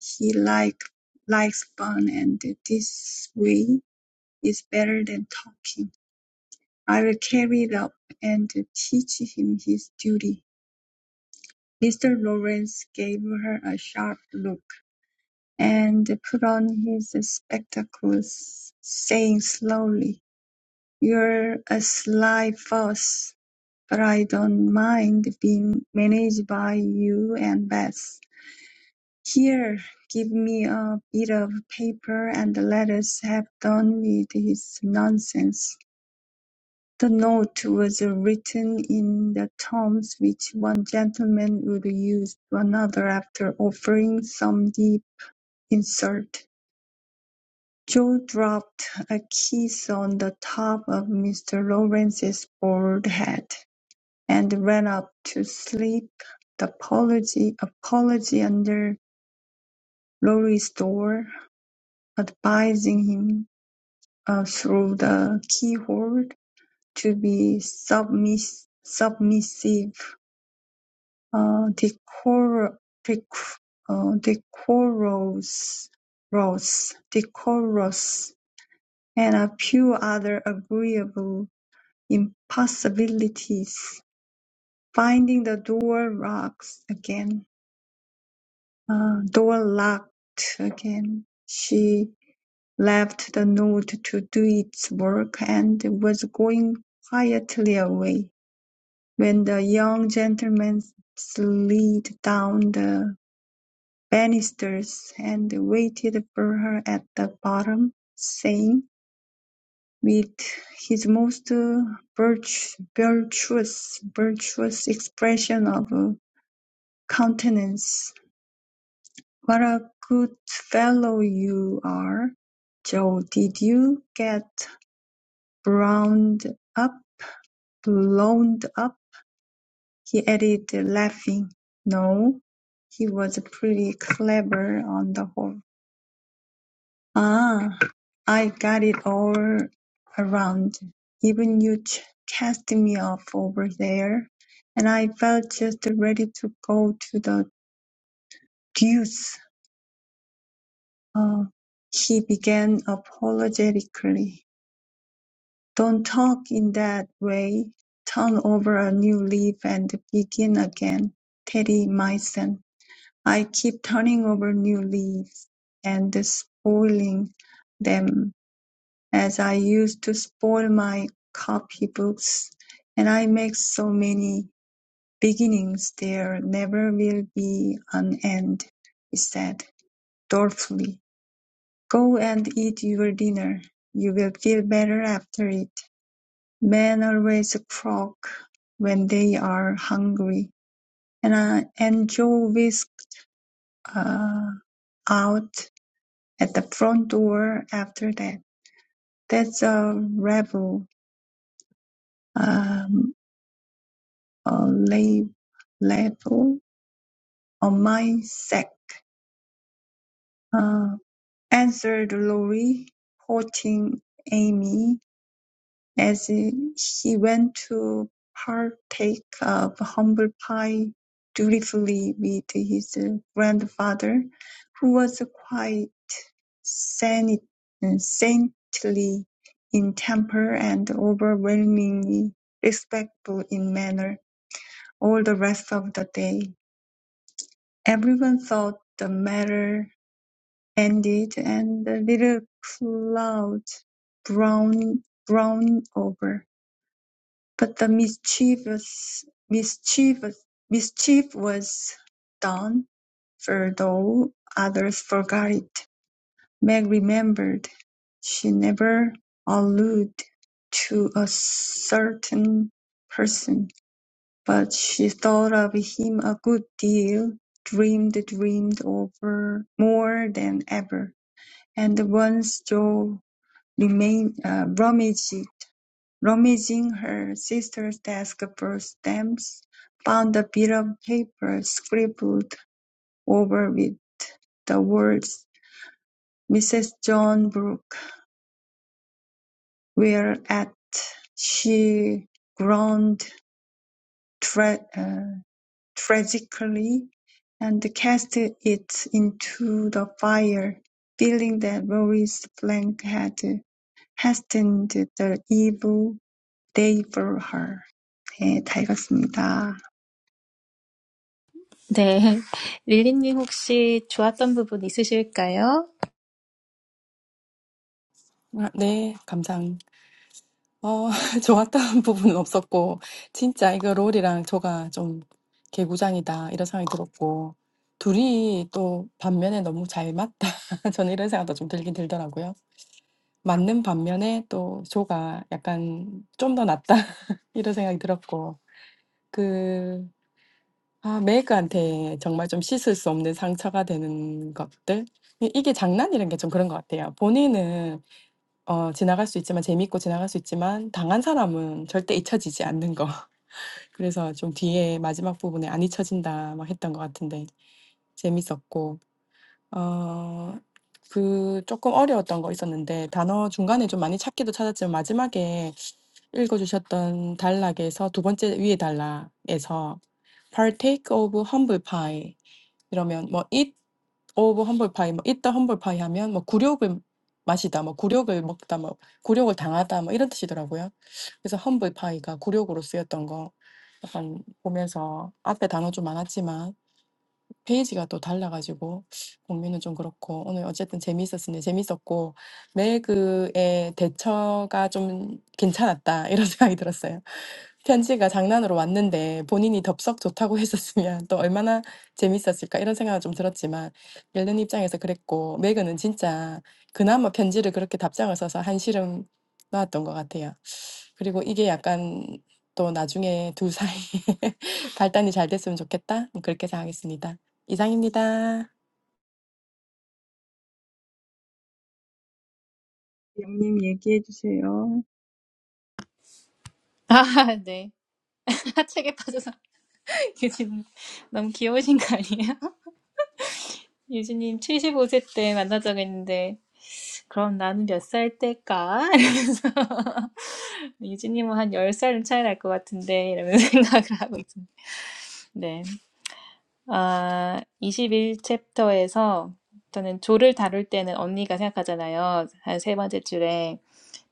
Speaker 1: He like likes fun, and this way is better than talking. I'll carry it up and teach him his duty. Mr. Lawrence gave her a sharp look and put on his spectacles, saying slowly, You're a sly fuss, but I don't mind being managed by you and Bess. Here, give me a bit of paper and let us have done with his nonsense. The note was written in the terms which one gentleman would use to another after offering some deep insult. Joe dropped a kiss on the top of Mr. Lawrence's bald head, and ran up to slip the apology, apology under Laurie's door, advising him, uh, through the keyhole, to be submiss- submissive uh, decor, decor, uh, decorous, rose, decorous, and a few other agreeable impossibilities. Finding the door locks again, uh, door locked again, she left the note to do its work and was going quietly away when the young gentleman slid down the. banisters, and waited for her at the bottom, saying, with his most virtu- virtuous virtuous expression of countenance, "What a good fellow you are, Joe! Did you get browned up, blown up?" he added, laughing. No, he was pretty clever on the whole. Ah, I got it all around. Even you ch- cast me off over there, and I felt just ready to go to the deuce. Uh, he began apologetically. Don't talk in that way. Turn over a new leaf and begin again, Teddy, my son. I keep turning over new leaves and spoiling them as I used to spoil my copybooks, and I make so many beginnings there never will be an end, he said, dolefully. Go and eat your dinner. You will feel better after it. Men always croak when they are hungry, and, uh, and Joe whisked uh, out at the front door after that. That's a rebel, um, uh, lab- label on my sack, uh, answered Lorry, quoting Amy as he went to partake of humble pie dutifully with his grandfather, who was quite saint- saintly in temper and overwhelmingly respectful in manner all the rest of the day. Everyone thought the matter ended, and the little cloud brown, browned over. But the mischievous, mischievous, mischief was done, for though others forgot it, Meg remembered she never alluded to a certain person. But she thought of him a good deal, dreamed dreamed over more than ever, and once Joe remained uh, rummaged, rummaging her sister's desk for stamps, found a bit of paper scribbled over with the words Mrs. John Brooke, whereat she groaned tragically and cast it into the fire, feeling that Mary's flank had hastened the evil day for her. 네, 다 읽었습니다.
Speaker 2: 네. 릴리님 혹시 좋았던 부분 있으실까요?
Speaker 3: 아, 네, 감상. 어, 좋았던 부분은 없었고, 진짜 이거 롤이랑 조가 좀 개구장이다, 이런 생각이 들었고, 둘이 또 반면에 너무 잘 맞다. 저는 이런 생각도 좀 들긴 들더라고요. 맞는 반면에 또 조가 약간 좀더 낫다, 이런 생각이 들었고, 아 메이커한테 정말 좀 씻을 수 없는 상처가 되는 것들? 이 이게 장난이란 게 좀 그런 것 같아요. 본인은 어 지나갈 수 있지만 재미있고 지나갈 수 있지만 당한 사람은 절대 잊혀지지 않는 거. 그래서 좀 뒤에 마지막 부분에 "안 잊혀진다." 막 했던 것 같은데 재밌었고 어그 조금 어려웠던 거 있었는데 단어 중간에 좀 많이 찾기도 찾았지만 마지막에 읽어주셨던 단락에서 두 번째 위에 단락에서 partake of humble pie 이러면 뭐 eat of humble pie, 뭐 eat the humble pie 하면 뭐 굴욕을 마시다, 뭐 굴욕을 먹다, 뭐 굴욕을 당하다 뭐 이런 뜻이더라고요. 그래서 humble pie가 굴욕으로 쓰였던 거 약간 보면서 앞에 단어 좀 많았지만 페이지가 또 달라가지고 공유는 좀 그렇고 오늘 어쨌든 재미있었으니 재밌었고 매그의 대처가 좀 괜찮았다 이런 생각이 들었어요. 편지가 장난으로 왔는데 본인이 덥석 좋다고 했었으면 또 얼마나 재밌었을까 이런 생각은 좀 들었지만 멜론 입장에서 그랬고 매그는 진짜 그나마 편지를 그렇게 답장을 써서 한시름 놓았던 것 같아요. 그리고 이게 약간 또 나중에 두 사이 발단이 잘 됐으면 좋겠다 그렇게 생각했습니다. 이상입니다.
Speaker 1: 영님 얘기해 주세요.
Speaker 2: 아, 네. 하책에 빠져서 요즘 너무 귀여우신 거 아니에요? 유진님 75세 때 만나자고 했는데 그럼 나는 몇 살 때일까? 이러면서 유진님은 한 10살은 차이 날 것 같은데 이러면서 생각을 하고 있습니다. 네. 아, 21챕터에서 저는 조를 다룰 때는 언니가 생각하잖아요. 한 세 번째 줄에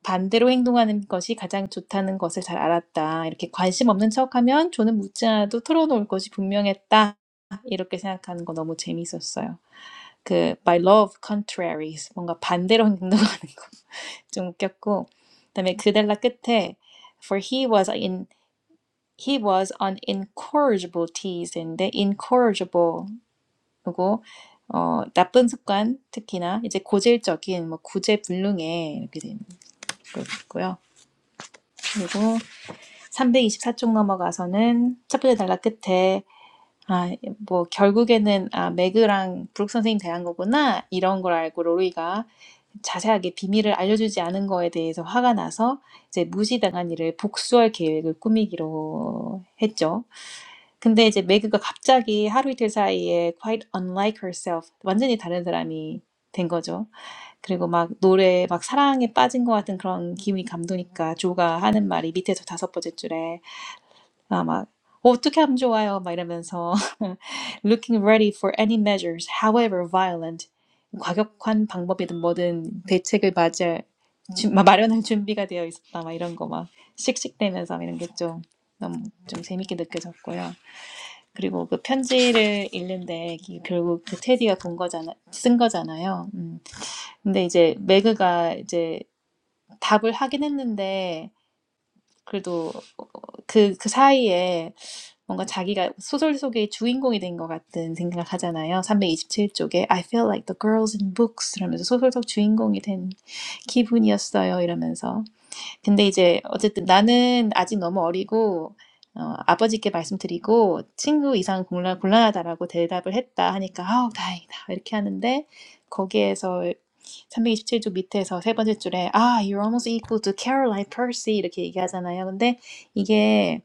Speaker 2: 반대로 행동하는 것이 가장 좋다는 것을 잘 알았다. 이렇게 관심 없는 척하면 조는 묻지 않아도 털어놓을 것이 분명했다. 이렇게 생각하는 거 너무 재미있었어요. 그 by law of contraries 뭔가 반대로 행동하는 거 좀 웃겼고 그다음에 그델라 끝에 for he was in he was on incorrigible teas인데 incorrigible이고 어 나쁜 습관 특히나 이제 고질적인 뭐 구제불능에 이렇게 되는 거 있고요 그리고 324쪽 넘어가서는 첫 번째 달라 끝에 아, 뭐, 결국에는, 아, 매그랑 브룩 선생님 대한 거구나. 이런 걸 알고 로리가 자세하게 비밀을 알려주지 않은 거에 대해서 화가 나서 이제 무시당한 일을 복수할 계획을 꾸미기로 했죠. 근데 이제 매그가 갑자기 하루 이틀 사이에 quite unlike herself, 완전히 다른 사람이 된 거죠. 그리고 막 노래, 막 사랑에 빠진 것 같은 그런 기분이 감도니까 조가 하는 말이 밑에서 다섯 번째 줄에 아, 막 어, 어떻게 하면 좋아요? 막 이러면서 looking ready for any measures, however violent, 과격한 방법이든 뭐든 대책을 맞을 주- 마- 마련할 준비가 되어 있었다. 막 이런 거 막 씩씩대면서 이런 게 좀 너무 좀 재밌게 느껴졌고요. 그리고 그 편지를 읽는데 기- 결국 그 테디가 본 거잖아, 쓴 거잖아요. 음. 근데 이제 매그가 이제 답을 하긴 했는데 그래도 그, 그 사이에 뭔가 자기가 소설 속의 주인공이 된 것 같은 생각 하잖아요. 327쪽에 I feel like the girls in books 이러면서 소설 속 주인공이 된 기분이었어요. 이러면서. 근데 이제 어쨌든 나는 아직 너무 어리고 어, 아버지께 말씀드리고 친구 이상 곤란, 곤란하다라고 대답을 했다 하니까 아우 다행이다 이렇게 하는데 거기에서 327쪽 밑에서 세 번째 줄에 아, you're almost equal to Caroline Percy 이렇게 얘기하잖아요. 근데 이게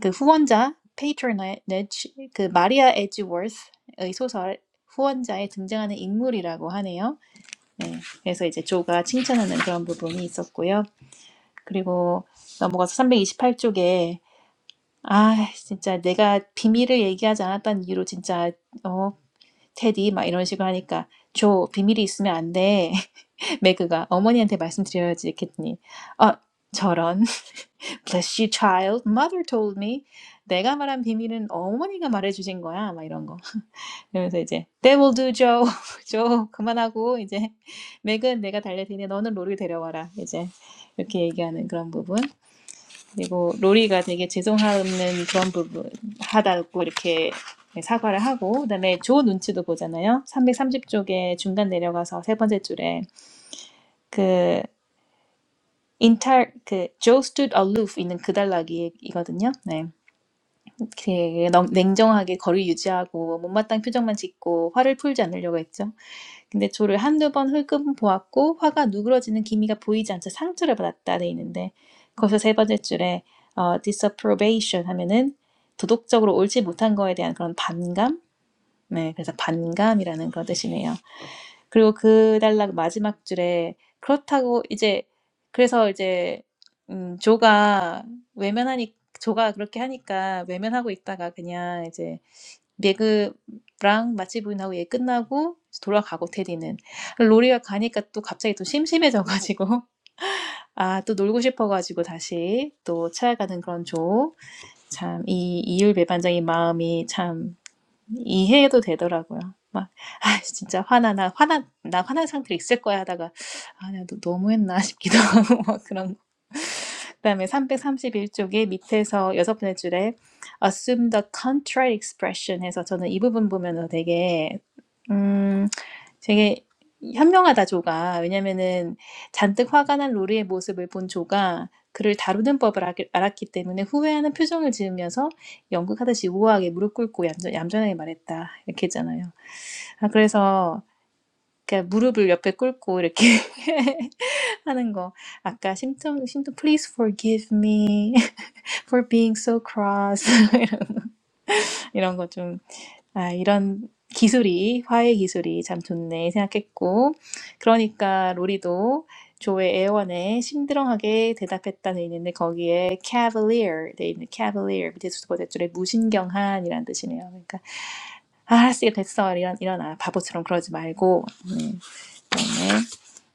Speaker 2: 그 후원자 patronage 그 마리아 에지워스의 소설 후원자에 등장하는 인물이라고 하네요. 네, 그래서 이제 조가 칭찬하는 그런 부분이 있었고요. 그리고 넘어가서 328쪽에 아 진짜 내가 비밀을 얘기하지 않았다는 이유로 진짜 어 테디 막 이런 식으로 하니까 조 비밀이 있으면 안 돼. 맥그가 어머니한테 말씀드려야지겠니? 어, 저런. Bless you, child. Mother told me. 내가 말한 비밀은 어머니가 말해주신 거야. 막 이런 거. 그러면서 이제 t h a will do, Joe. Joe, 그만하고 이제 맥은 내가 달랠 테니 너는 로리 데려와라. 이제 이렇게 얘기하는 그런 부분. 그리고 로리가 되게 죄송하는 그런 부분 하다고 이렇게 사과를 하고 그다음에 조 눈치도 보잖아요. 330쪽에 중간 내려가서 세 번째 줄에 그 인탈 그 Joe stood aloof 있는 그달나기이거든요. 네, 되게 넉- 냉정하게 거리 유지하고 못마땅 표정만 짓고 화를 풀지 않으려고 했죠. 근데 조를 한두 번 흘금 보았고 화가 누그러지는 기미가 보이지 않자 상처를 받았다 돼 있는데 거기서 세 번째 줄에 어, disapprobation 하면은 도덕적으로 옳지 못한 거에 대한 그런 반감. 네, 그래서 반감이라는 그런 뜻이네요. 그리고 그 단락 마지막 줄에 그렇다고 이제 그래서 이제 음 조가 외면하니 조가 그렇게 하니까 외면하고 있다가 그냥 이제 매그랑 마치 부인하고 얘 끝나고 이제 돌아가고 테디는 로리가 가니까 또 갑자기 또 심심해져 가지고 아 또 놀고 싶어 가지고 다시 또 찾아가는 그런 조 참 이 이율 배반적의 마음이 참 이해도 되더라고요. 막, 아, 진짜 화나, 나 화나, 나 화난 상태로 있을 거야 하다가, 아, 내가 너- 너무했나 싶기도 하고, 막 그런 거. 그다음에 331쪽에 밑에서 여섯 번째 줄에 assume the contrary expression 해서 저는 이 부분 보면서 되게 음 되게 현명하다 조가 왜냐면은 잔뜩 화가 난 로리의 모습을 본 조가 그를 다루는 법을 알- 알았기 때문에 후회하는 표정을 지으면서 연극하듯이 우아하게 무릎 꿇고 얌전, 얌전하게 말했다. 이렇게 했잖아요. 아, 그래서 그러니까 무릎을 옆에 꿇고 이렇게 하는 거. 아까 심통 심통 please forgive me for being so cross 이런 거 좀 아, 이런 기술이 화해 기술이 참 좋네 생각했고 그러니까 로리도 조의 애원에 심드렁하게 대답했다 돼 있는데 거기에 cavalier 돼 있는 cavalier 밑에 두 번째 줄에 무신경한이라는 뜻이네요. 그러니까 아았어이 됐어. 일어나, 일어나. 바보처럼 그러지 말고. 음, 그다음에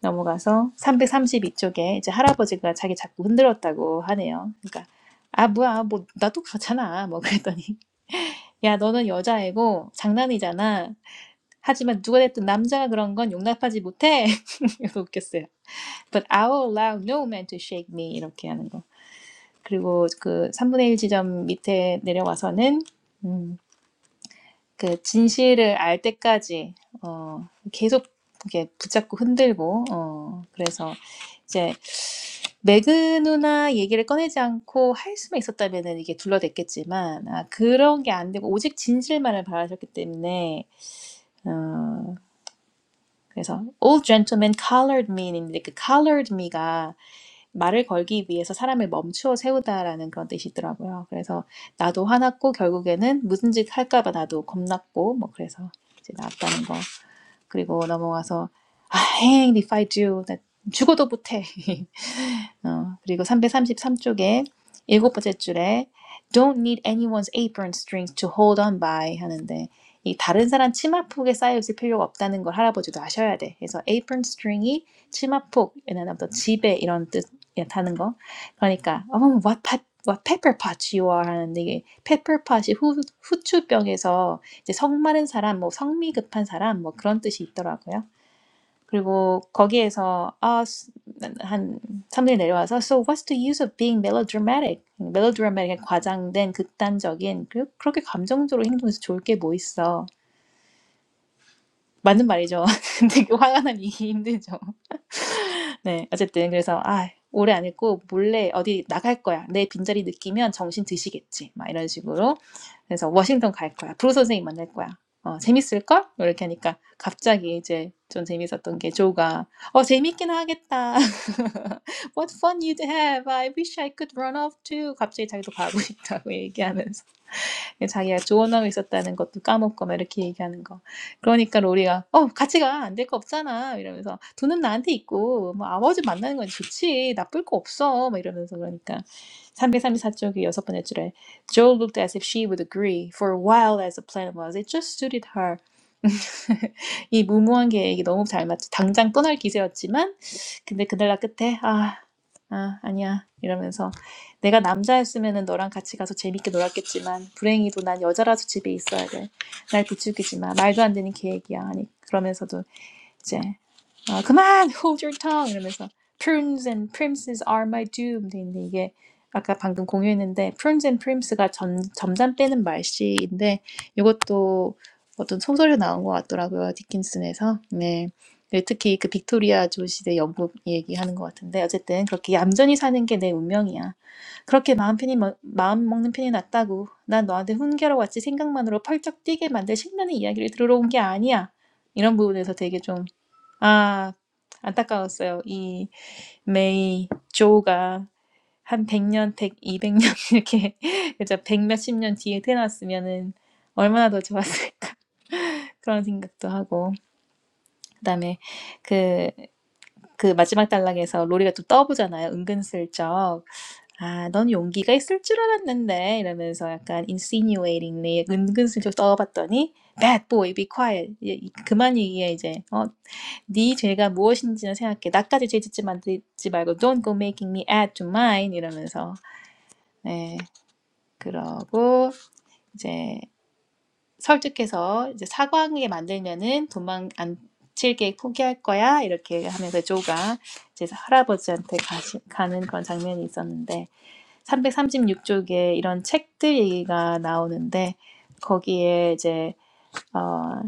Speaker 2: 넘어가서 332쪽에 이제 할아버지가 자기 자꾸 흔들었다고 하네요. 그러니까 아 뭐야 뭐 나도 그렇잖아 뭐 그랬더니 야 너는 여자애고 장난이잖아. 하지만 누가 됐든 남자가 그런 건 용납하지 못해. 이거 웃겼어요. But I will allow no man to shake me 이렇게 하는 거. 그리고 그 3분의 1 지점 밑에 내려와서는 음, 그 진실을 알 때까지 어, 계속 이렇게 붙잡고 흔들고 어, 그래서 이제 매그 누나 얘기를 꺼내지 않고 할 수만 있었다면은 이게 둘러댔겠지만 아, 그런 게 안 되고 오직 진실만을 바라셨기 때문에 어, 그래서 old gentleman collared me인데 그 collared me가 말을 걸기 위해서 사람을 멈추어 세우다라는 그런 뜻이 있더라고요. 그래서 나도 화났고 결국에는 무슨 짓 할까봐 나도 겁났고 뭐 그래서 이제 나왔다는 거. 그리고 넘어가서 I hanged if I do. 나 죽어도 못해. 어, 그리고 333쪽에 일곱 번째 줄에 Don't need anyone's apron strings to hold on by 하는데 이 다른 사람 치마폭에 쌓여 있을 필요가 없다는 걸 할아버지도 아셔야 돼. 그래서 apron string이 치마폭, 얘네또 지배 이런 뜻이라는 거. 그러니까 oh, what pe- what pepper pot you are 하는데 이게 pepper pot이 후, 후추병에서 이제 성 마른 사람, 뭐 성미 급한 사람 뭐 그런 뜻이 있더라고요. 그리고 거기에서 아, 수- 한 3분이 내려와서 So what's the use of being melodramatic? melodramatic 과장된 극단적인 그- 그렇게 감정적으로 행동해서 좋을 게 뭐 있어? 맞는 말이죠. 근데 그 화가 나면 이게 힘들죠. 네, 어쨌든 그래서 아, 오래 안 읽고 몰래 어디 나갈 거야. 내 빈자리 느끼면 정신 드시겠지. 막 이런 식으로. 그래서 워싱턴 갈 거야. 브로 선생님 만날 거야. 어, 재밌을 걸? 뭐 이렇게 하니까 갑자기 이제 좀 재밌었던 게 조가 어, 재밌긴 하겠다. What fun you'd have. I wish I could run off too. 갑자기 자기도 가고 싶다고 얘기하면서 예, 자기가 조언하고 있었다는 것도 까먹고 막 이렇게 얘기하는 거. 그러니까 로리가 어 같이 가 안될 거 없잖아 이러면서 돈은 나한테 있고 뭐 아버지 만나는 건 좋지 나쁠 거 없어 막 이러면서 그러니까 334쪽의 여섯 번째 줄에 Joe looked as if she would agree for a while as the plan was it just suited her 이 무모한 계획이 너무 잘 맞죠 당장 떠날 기세였지만 근데 그날 나 끝에 아, 아 아니야 이러면서 내가 남자였으면은 너랑 같이 가서 재밌게 놀았겠지만 불행히도 난 여자라서 집에 있어야 돼. 날 부추기지 마. 말도 안 되는 계획이야. 아니 그러면서도 이제 어, 그만 hold your tongue 이러면서 prunes and primses are my doom 돼데 이게 아까 방금 공유했는데 prunes and prims가 점, 점잔 빼는 말씨인데 이것도 어떤 소설에 나온 것 같더라고요 디킨슨에서 네 네, 특히 그 빅토리아 조 시대 영국 얘기하는 것 같은데 어쨌든 그렇게 얌전히 사는 게 내 운명이야 그렇게 마음 편히 먹- 마음 먹는 편이 낫다고 난 너한테 훈계로 왔지 생각만으로 펄쩍 뛰게 만들 신나는 이야기를 들으러 온 게 아니야 이런 부분에서 되게 좀 아, 안타까웠어요. 이 메이 조가 한 100년, 100, 200년 이렇게 이제 100 몇십 년 뒤에 태어났으면은 얼마나 더 좋았을까 그런 생각도 하고 그다음에 그, 그 마지막 단락에서 로리가 또 떠보잖아요. 은근슬쩍 아, 넌 용기가 있을 줄 알았는데 이러면서 약간 insinuatingly 은근슬쩍 떠봤더니 bad boy be quiet 예, 이- 그만 얘기해 이제 어, 네 죄가 무엇인지는 생각해. 나까지 죄 짓지 만들지 말고 don't go making me add to mine 이러면서 네 그러고 이제 설득해서 이제 사과하게 만들면은 도망 안 칠게 포기할 거야 이렇게 하면서 조가 이제 할아버지한테 가시, 가는 그런 장면이 있었는데 336쪽에 이런 책들 얘기가 나오는데 거기에 이제 어,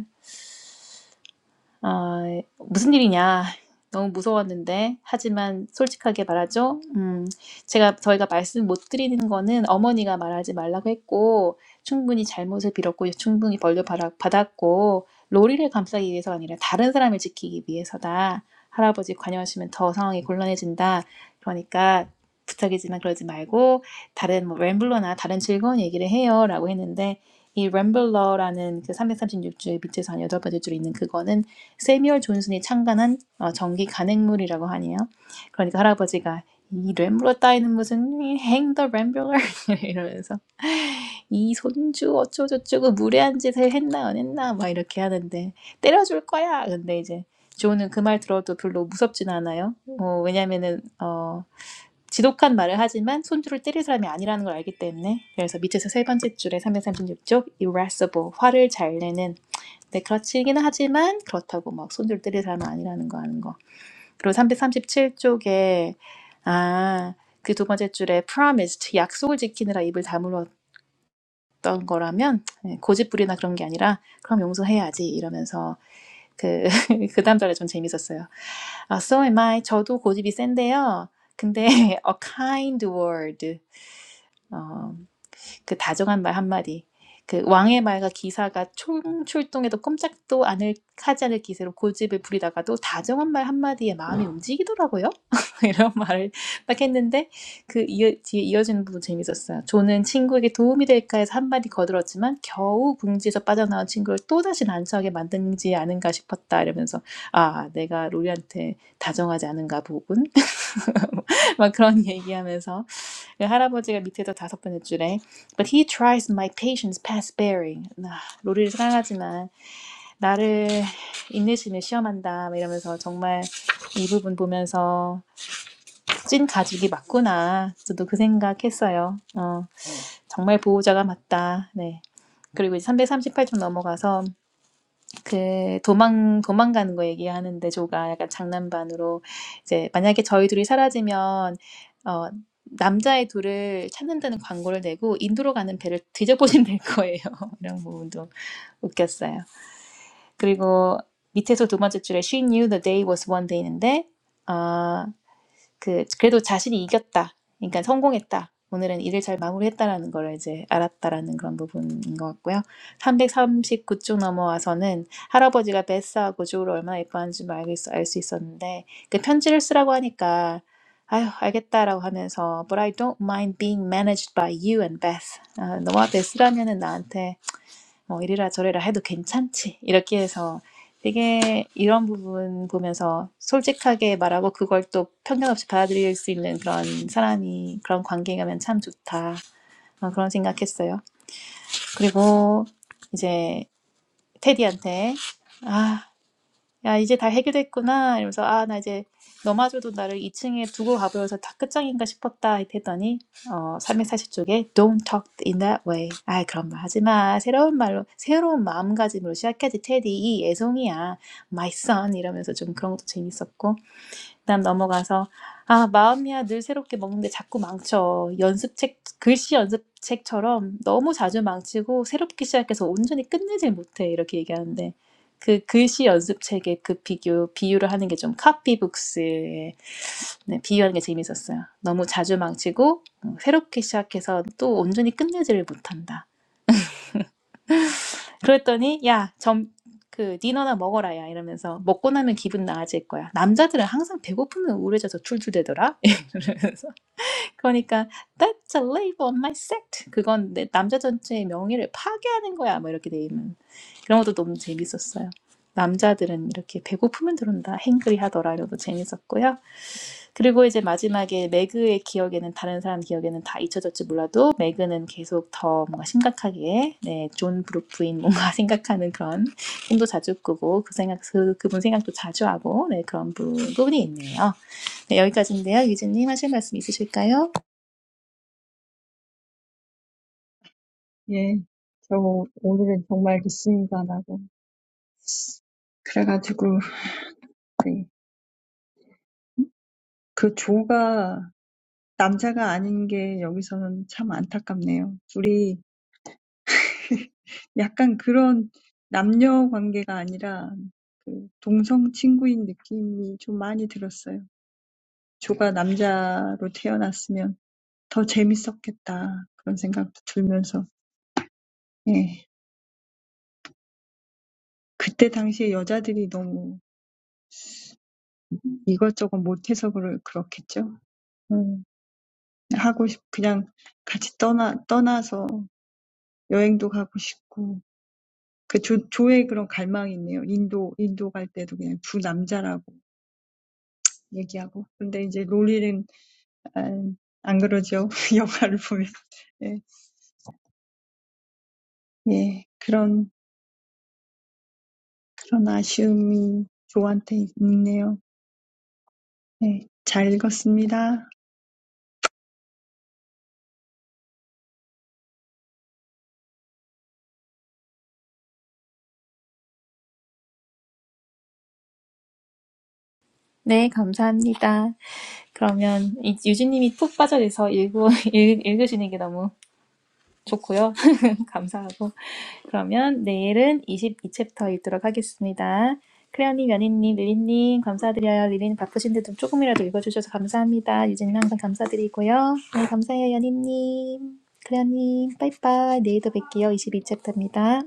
Speaker 2: 아, 무슨 일이냐. 너무 무서웠는데. 하지만 솔직하게 말하죠. 음, 제가, 저희가 말씀 못 드리는 거는 어머니가 말하지 말라고 했고, 충분히 잘못을 빌었고, 충분히 벌려 받았고 로리를 감싸기 위해서가 아니라 다른 사람을 지키기 위해서다. 할아버지 관여하시면 더 상황이 곤란해진다. 그러니까 부탁이지만 그러지 말고, 다른 뭐 램블러나 다른 즐거운 얘기를 해요. 라고 했는데, 이 램블러라는 그 336줄 밑에서 한 여덟 번째 줄에 있는 그거는 세미얼 존슨이 창간한 정 전기 간행물이라고 하네요. 그러니까 할아버지가 이 램블러 따위는 무슨 hang the rambler 이러면서 이 손주 어쩌고저쩌고 무례한 짓을 했나 안 했나 막 이렇게 하는데 때려줄 거야. 근데 이제 조는 그 말 들어도 별로 무섭진 않아요. 어, 왜냐면은 어, 지독한 말을 하지만 손주를 때릴 사람이 아니라는 걸 알기 때문에 그래서 밑에서 세 번째 줄에 336쪽 irascible 화를 잘 내는 네, 그렇지긴 하지만 그렇다고 막 손절 때릴 사람은 아니라는 거 아는 거. 그리고 337쪽에 아, 그 두 번째 줄에 promised 약속을 지키느라 입을 다물었던 거라면 예, 고집부리나 그런 게 아니라 그럼 용서해야지 이러면서 그, 그 다음 절에 좀 재밌었어요. 아, so am I. 저도 고집이 센데요. 근데 a kind word. 어, 그 다정한 말 한마디. 그 왕의 말과 기사가 총출동해도 꼼짝도 않을 하지 않을 기세로 고집을 부리다가도 다정한 말 한마디에 마음이 움직이더라고요. 이런 말을 딱 했는데 그 이어, 뒤에 이어지는 부분 재밌었어요. 조는 친구에게 도움이 될까 해서 한마디 거들었지만 겨우 궁지에서 빠져나온 친구를 또다시 난처하게 만든지 않은가 싶었다 이러면서 아 내가 로리한테 다정하지 않은가 보군 막 그런 얘기하면서 그 할아버지가 밑에서 다섯 번째 줄에 But he tries my patience past bearing. 아, 로리를 사랑하지만 나를 인내심에 시험한다 이러면서 정말 이 부분 보면서 찐 가족이 맞구나. 저도 그 생각했어요. 어, 정말 보호자가 맞다. 네. 그리고 이제 338쪽 넘어가서 그 도망 도망가는 거 얘기하는데 조가 약간 장난반으로 이제 만약에 저희 둘이 사라지면 어 남자의 둘을 찾는다는 광고를 내고 인도로 가는 배를 뒤져보신될 거예요. 이런 부분도 웃겼어요. 그리고 밑에서 두 번째 줄에 She knew the day was one day인데 아 그 그래도 자신이 이겼다. 그러니까 성공했다. 오늘은 일을 잘 마무리했다라는 걸 이제 알았다라는 그런 부분인 것 같고요. 339쪽 넘어와서는 할아버지가 베스하고 조를 얼마나 예뻐하는지 알고 알수 있었는데 그 편지를 쓰라고 하니까 아휴 알겠다라고 하면서 But I don't mind being managed by you and Beth. 아, 너와 베스라면은 나한테 뭐 이래라 저래라 해도 괜찮지. 이렇게 해서 되게 이런 부분 보면서 솔직하게 말하고 그걸 또 편견 없이 받아들일 수 있는 그런 사람이 그런 관계가면 참 좋다. 어, 그런 생각했어요. 그리고 이제 테디한테 아 야, 이제 다 해결됐구나. 이러면서, 아, 나 이제 너마저도 나를 2층에 두고 가버려서 다 끝장인가 싶었다. 했더니, 어, 백사십 쪽에 Don't talk in that way. 아, 그런 말 하지 마. 새로운 말로, 새로운 마음가짐으로 시작하지, 테디. 이 애송이야. My son. 이러면서 좀 그런 것도 재밌었고. 그다음 넘어가서 아 마음이야 늘 새롭게 먹는데 자꾸 망쳐 연습책 글씨 연습책처럼 너무 자주 망치고 새롭게 시작해서 온전히 끝내질 못해 이렇게 얘기하는데 그 글씨 연습책의 그 비교 비유를 하는 게 좀 카피북스에 네, 비유하는 게 재밌었어요. 너무 자주 망치고 어, 새롭게 시작해서 또 온전히 끝내지를 못한다. 그랬더니 야, 점 그 디너나 먹어라 야 이러면서 먹고 나면 기분 나아질 거야. 남자들은 항상 배고프면 우울해져서 툴툴대더라. 이러면서 그러니까 that's a label on my sect. 그건 내 남자 전체의 명예를 파괴하는 거야. 뭐 이렇게 돼 있는 그런 것도 너무 재밌었어요. 남자들은 이렇게 배고프면 들어온다, 행그리 하더라 이런 것도 재밌었고요. 그리고 이제 마지막에 매그의 기억에는 다른 사람 기억에는 다 잊혀졌지 몰라도 매그는 계속 더 뭔가 심각하게 네, 존 브루프인 뭔가 생각하는 그런 꿈도 자주 꾸고 그 생각 그, 그분 생각도 자주 하고 네, 그런 부분이 있네요. 네, 여기까지인데요. 유진님 하실 말씀 있으실까요?
Speaker 1: 예, 저 오늘은 정말 리스닝가라고. 그래가지고 네, 그 조가 남자가 아닌 게 여기서는 참 안타깝네요. 우리 약간 그런 남녀 관계가 아니라 그 동성 친구인 느낌이 좀 많이 들었어요. 조가 남자로 태어났으면 더 재밌었겠다. 그런 생각도 들면서. 예. 그때 당시에 여자들이 너무 이것저것 못해서 그럴, 그렇겠죠. 음, 하고 싶, 그냥 같이 떠나, 떠나서 여행도 가고 싶고. 그 조, 조의 그런 갈망이 있네요. 인도, 인도 갈 때도 그냥 두 남자라고 얘기하고. 근데 이제 롤리는 안, 안 그러죠. 영화를 보면. 예, 예, 그런, 그런 아쉬움이 조한테 있네요. 예, 잘 읽었습니다.
Speaker 2: 네, 감사합니다. 그러면 이- 유진님이 푹 빠져서 읽고 읽, 읽으시는 게 너무 좋고요. 감사하고. 그러면 내일은 22챕터 읽도록 하겠습니다. 크레어님, 연희님, 릴리님 감사드려요. 릴리님 바쁘신데도 조금이라도 읽어주셔서 감사합니다. 유진님 항상 감사드리고요. 네, 감사해요, 연희님. 크레어님, 빠이빠이. 내일도 뵐게요. 22챕터입니다.